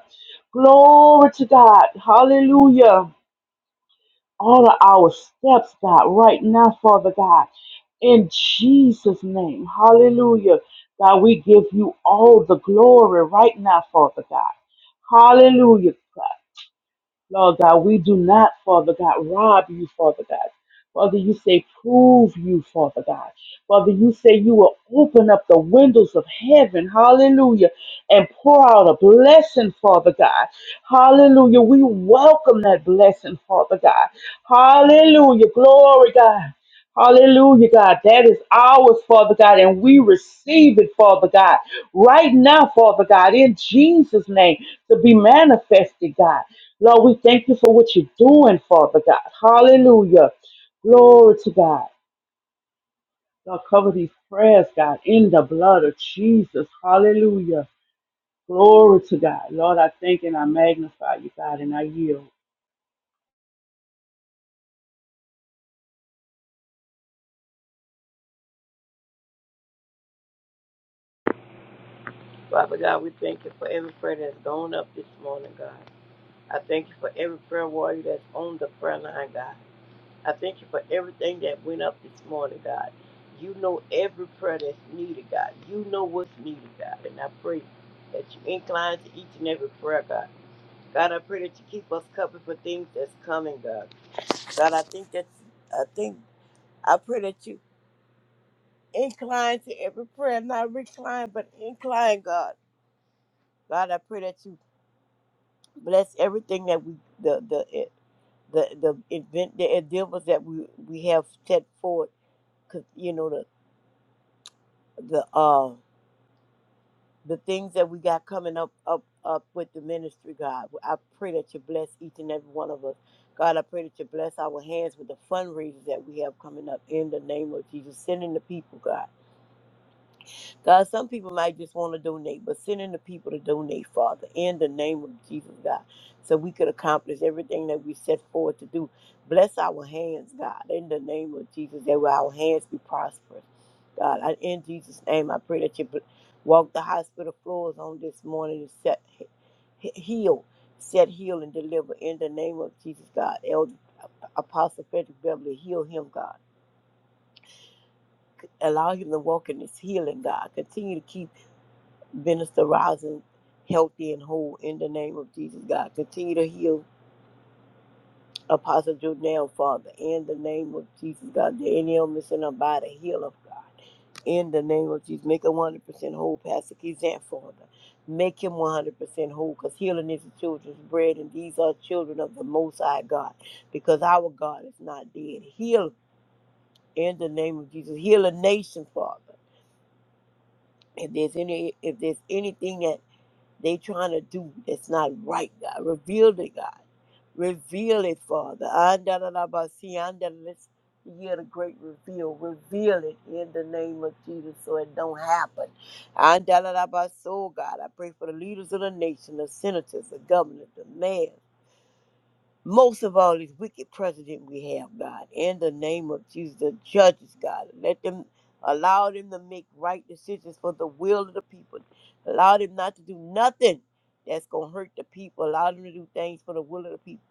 [SPEAKER 3] Glory to God. Hallelujah. Order our steps, God, right now, Father God. In Jesus' name. Hallelujah. God, we give you all the glory right now, Father God. Hallelujah. God. Lord God, we do not, Father God, rob you, Father God. Father, you say, prove you, Father God. Father, you say you will open up the windows of heaven, hallelujah, and pour out a blessing, Father God. Hallelujah. We welcome that blessing, Father God. Hallelujah. Glory, God. Hallelujah, God. That is ours, Father God, and we receive it, Father God, right now, Father God, in Jesus' name, to be manifested, God. Lord, we thank you for what you're doing, Father God. Hallelujah. Glory to God. Lord, cover these prayers, God, in the blood of Jesus. Hallelujah. Glory to God. Lord, I thank and I magnify you, God, and I yield.
[SPEAKER 4] Father God, we thank you for every prayer that's gone up this morning, God. I thank you for every prayer warrior that's on the prayer line, God. I thank you for everything that went up this morning, God. You know every prayer that's needed, God. You know what's needed, God. And I pray that you incline to each and every prayer, God. God, I pray that you keep us covered for things that's coming, God. God, I think that I think I pray that you incline to every prayer, not recline, but incline, God. God, I pray that you Bless everything that we the the eh, the the event the endeavors that we we have set forth. 'Cause you know the the uh the things that we got coming up up up with the ministry, God. I pray that you bless each and every one of us. God, I pray that you bless our hands with the fundraisers that we have coming up in the name of Jesus. Sending the people, God. God, some people might just want to donate, but sending the people to donate, Father, in the name of Jesus, God, so we could accomplish everything that we set forward to do. Bless our hands, God, in the name of Jesus, that our hands be prosperous. God, I, in Jesus' name, I pray that you bl- walk the hospital floors on this morning and set he- heal, set heal and deliver in the name of Jesus, God. Elder Apostle Frederick Beverly, heal him, God. Allow him to walk in his healing, God. Continue to keep Minister Rising healthy and whole in the name of Jesus, God. Continue to heal Apostle Jordan, Father, in the name of Jesus, God. The any illness in her body, heal of God. In the name of Jesus, make her 100% whole, Pastor Kizan, Father. Make him 100% whole because healing is the children's bread, and these are children of the Most High God because our God is not dead. Heal in the name of Jesus. Heal a nation, Father. If there's any, if there's anything that they trying to do that's not right, God. Reveal it, God. Reveal it, Father. Andalabasi, andala- Let's hear the great reveal. Reveal it in the name of Jesus so it don't happen. Andalabaso, God. I pray for the leaders of the nation, the senators, the governors, the mayors most of all this wicked president we have, God, in the name of Jesus, the judges, God. Let them allow them to make right decisions for the will of the people. Allow them not to do nothing that's gonna hurt the people. Allow them to do things for the will of the people.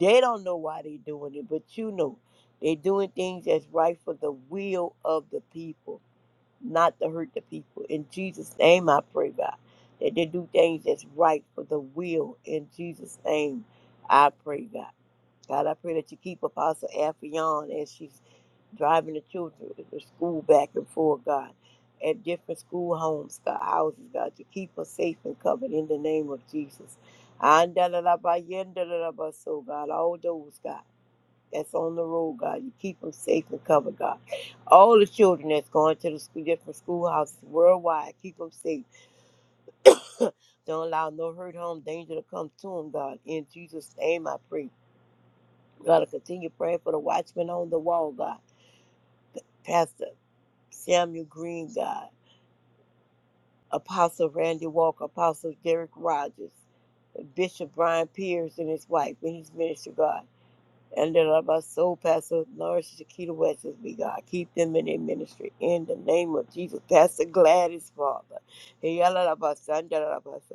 [SPEAKER 4] They don't know why they're doing it, but you know. They're doing things that's right for the will of the people, not to hurt the people. In Jesus' name I pray, God. That they do things that's right for the will. In Jesus' name I pray, God. God, I pray that you keep Apostle Affion as she's driving the children to school back and forth, God, at different school homes, God, houses, God, to keep her safe and covered in the name of Jesus. So, God, all those, God, that's on the road, God, you keep them safe and covered, God. All the children that's going to the school, different schoolhouses worldwide, keep them safe. Don't allow no hurt, harm, danger to come to them, God. In Jesus' name, I pray. God, to continue praying for the watchman on the wall, God. Pastor Samuel Green, God. Apostle Randy Walker, Apostle Derek Rogers, Bishop Brian Pierce and his wife and his ministry, God. And then of our soul, Pastor Norris Shakita West, as we God. Keep them in their ministry. In the name of Jesus, Pastor Gladys, Father. Hey, yalla la ba sa, nda la la ba sa.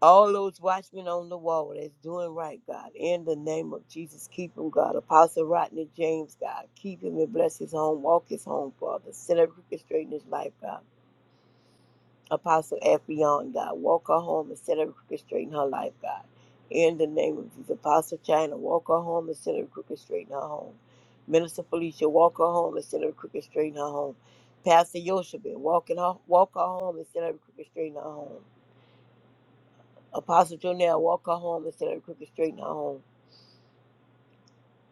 [SPEAKER 4] all those watchmen on the wall that's doing right, God, in the name of Jesus, keep him, God. Apostle Rodney James, God, keep him and bless his home, walk his home, Father. Set up crooked straight in his life, God. Apostle Affion, God, walk her home and set up crooked straight in her life, God. In the name of Jesus, Apostle China, walk her home and set up crooked straight in her home. Minister Felicia, walk her home and set up crooked straight in her home. Pastor Yoshibin, walk, in her, walk her home and set up crooked straight in her home. Apostle Jonell, walk her home instead of crooked straight in her home.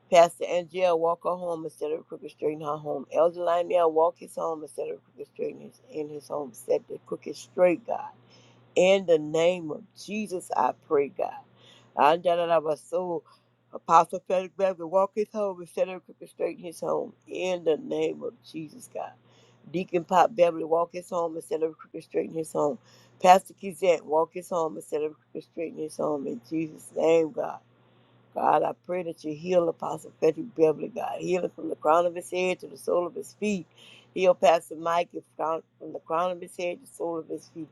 [SPEAKER 4] Pastor Angel, walk her home instead of crooked straight in her home. Elder Lionel, walk his home instead of crooked straight in his, in his home. Set the crooked straight, God. In the name of Jesus, I pray, God. I my soul. Apostle Frederick Beverly, walk his home instead of crooked straight in his home. In the name of Jesus, God. Deacon Pop Beverly, walk his home instead of crooked straight in his home. Pastor Kizant, walk his home instead of crooked straight in his home. In Jesus' name, God. God, I pray that you heal Apostle Frederick Beverly, God. Heal him from the crown of his head to the sole of his feet. Heal Pastor Mike from from the crown of his head to the sole of his feet.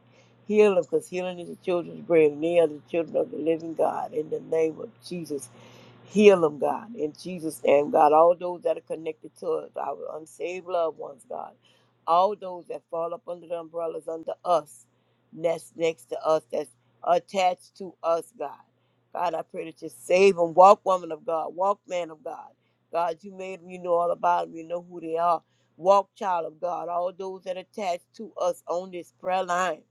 [SPEAKER 4] Heal him because healing is the children's bread, and they are the children of the living God. In the name of Jesus, heal them, God. In Jesus' name, God, all those that are connected to us, our unsaved loved ones, God. All those that fall up under the umbrellas under us, that's next to us, that's attached to us, God. God, I pray that you save them. Walk, woman of God. Walk, man of God. God, you made them. You know all about them. You know who they are. Walk, child of God. All those that attach to us on this prayer line.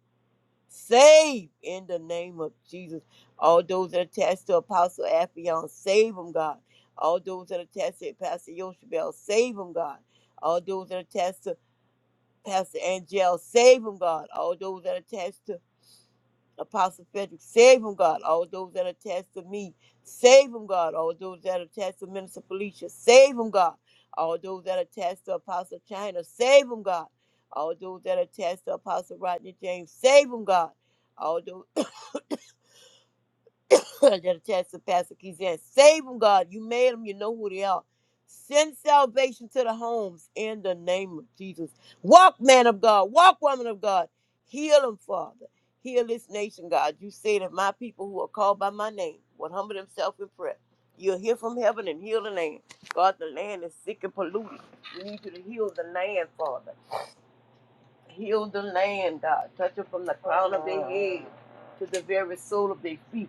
[SPEAKER 4] Save in the name of Jesus. All those that attach to Apostle Affion. Save them, God. All those that attach to Pastor Yoshibel. Save them, God. All those that attach to Pastor Angel. Save them, God. All those that attach to Apostle Frederick, save him, God. All those that are attached to me, save him, God. All those that are attached to Minister Felicia, save him, God. All those that are attached to Apostle China, save him, God. All those that are attached to Apostle Rodney James, save him, God. that attached to Pastor Keith said, Save them, God. You made them. You know who they are. Send salvation to the homes in the name of Jesus. Walk, man of God. Walk, woman of God. Heal them, Father. Heal this nation, God. You say that my people who are called by my name will humble themselves in prayer. You'll hear from heaven and heal the land. God, the land is sick and polluted. We need you to heal the land, Father. Heal the land, God. Touch them from the crown of their head to the very sole of their feet.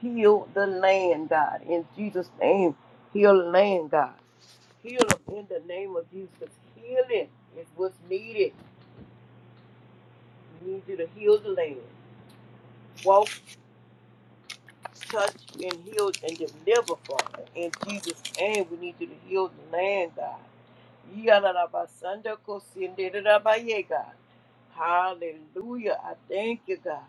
[SPEAKER 4] Heal the land, God. In Jesus' name, heal the land, God. Heal them in the name of Jesus. Healing is what's needed. We need you to heal the land. Walk, touch, and heal and deliver, Father. In Jesus' name, we need you to heal the land, God. Yalalabasanda kosinderabaye, God. Hallelujah. I thank you, God.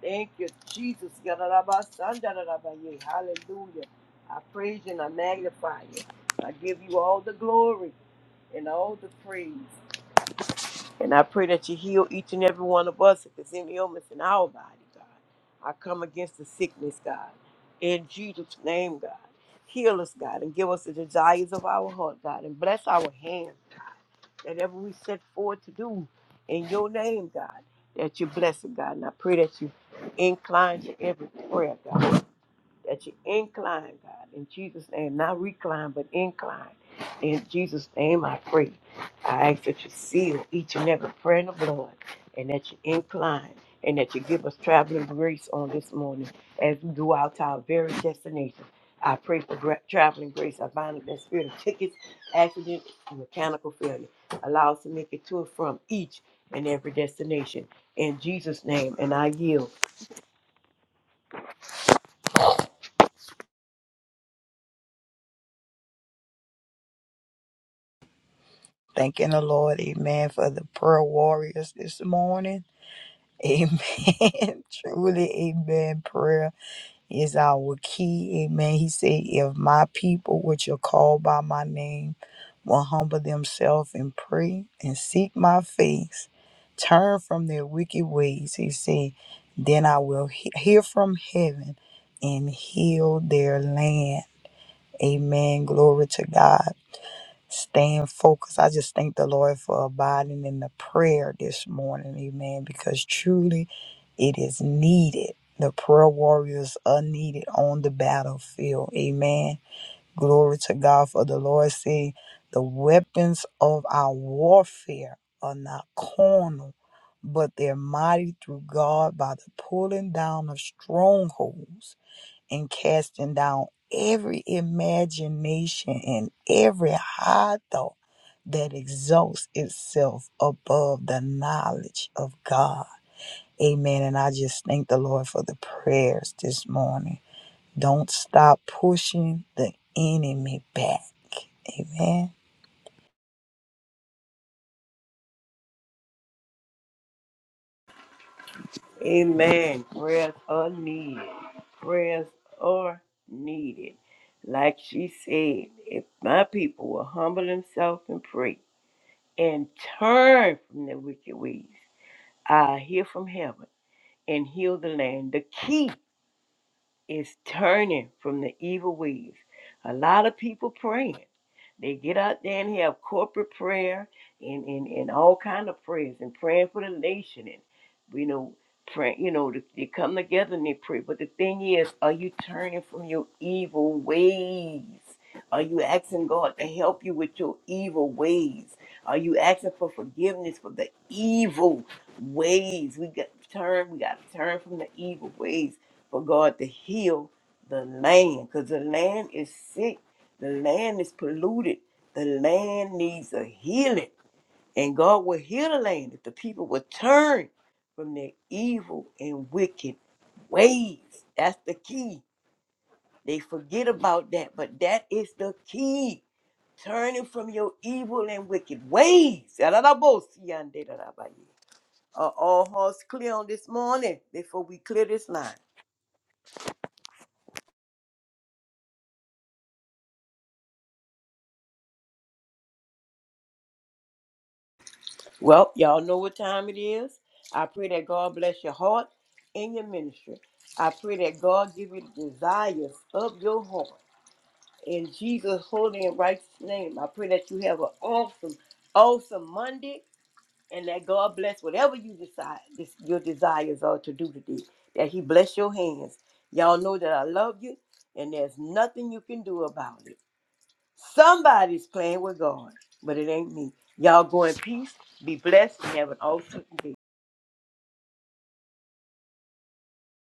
[SPEAKER 4] Thank you, Jesus. Yadarabasandarabaye. Hallelujah. I praise you and I magnify you. I give you all the glory and all the praise. And I pray that you heal each and every one of us if there's any illness in our body, God. I come against the sickness, God. In Jesus' name, God. Heal us, God, and give us the desires of our heart, God. And bless our hands, God. That ever we set forward to do in your name, God, that you bless it, God. And I pray that you incline to every prayer, God that you incline, God, in Jesus' name, not recline, but incline. In Jesus' name, I pray. I ask that you seal each and every prayer in the blood, and that you incline, and that you give us traveling grace on this morning as we go out to our very destination. I pray for gra- traveling grace. I bind up that spirit of tickets, accidents, and mechanical failure. Allow us to make it to and from each and every destination. In Jesus' name, and I yield.
[SPEAKER 2] Thanking the Lord, amen, for the prayer warriors this morning. Amen. Truly, amen. Prayer is our key. Amen. He said, If my people, which are called by my name, will humble themselves and pray and seek my face, turn from their wicked ways, he said, then I will he- hear from heaven and heal their land. Amen. Glory to God staying focused. I just thank the Lord for abiding in the prayer this morning, amen, because truly it is needed. The prayer warriors are needed on the battlefield, amen. Glory to God for the Lord saying the weapons of our warfare are not carnal, but they're mighty through God by the pulling down of strongholds and casting down every imagination and every high thought that exalts itself above the knowledge of God. Amen. And I just thank the Lord for the prayers this morning. Don't stop pushing the enemy back. Amen.
[SPEAKER 4] Amen. Prayers are needed. Prayers are needed. Like she said, if my people will humble themselves and pray and turn from their wicked ways, I hear from heaven and heal the land. The key is turning from the evil ways. A lot of people praying. They get out there and have corporate prayer and, and, and all kind of prayers and praying for the nation and you know pray you know they, they come together and they pray. But the thing is, are you turning from your evil ways? Are you asking God to help you with your evil ways? Are you asking for forgiveness for the evil ways? We got to turn, we got to turn from the evil ways for God to heal the land because the land is sick, the land is polluted, the land needs a healing, and God will heal the land if the people will turn from their evil and wicked ways. That's the key. They forget about that, but that is the key. Turning from your evil and wicked ways. Are all hearts clear on this morning before we clear this line? Well, y'all know what time it is. I pray that God bless your heart and your ministry. I pray that God give you the desires of your heart. In Jesus' holy and righteous name, I pray that you have an awesome, awesome Monday and that God bless whatever you decide this, your desires are to do today. That He bless your hands. Y'all know that I love you and there's nothing you can do about it. Somebody's playing with God, but it ain't me. Y'all go in peace, be blessed, and have an awesome day.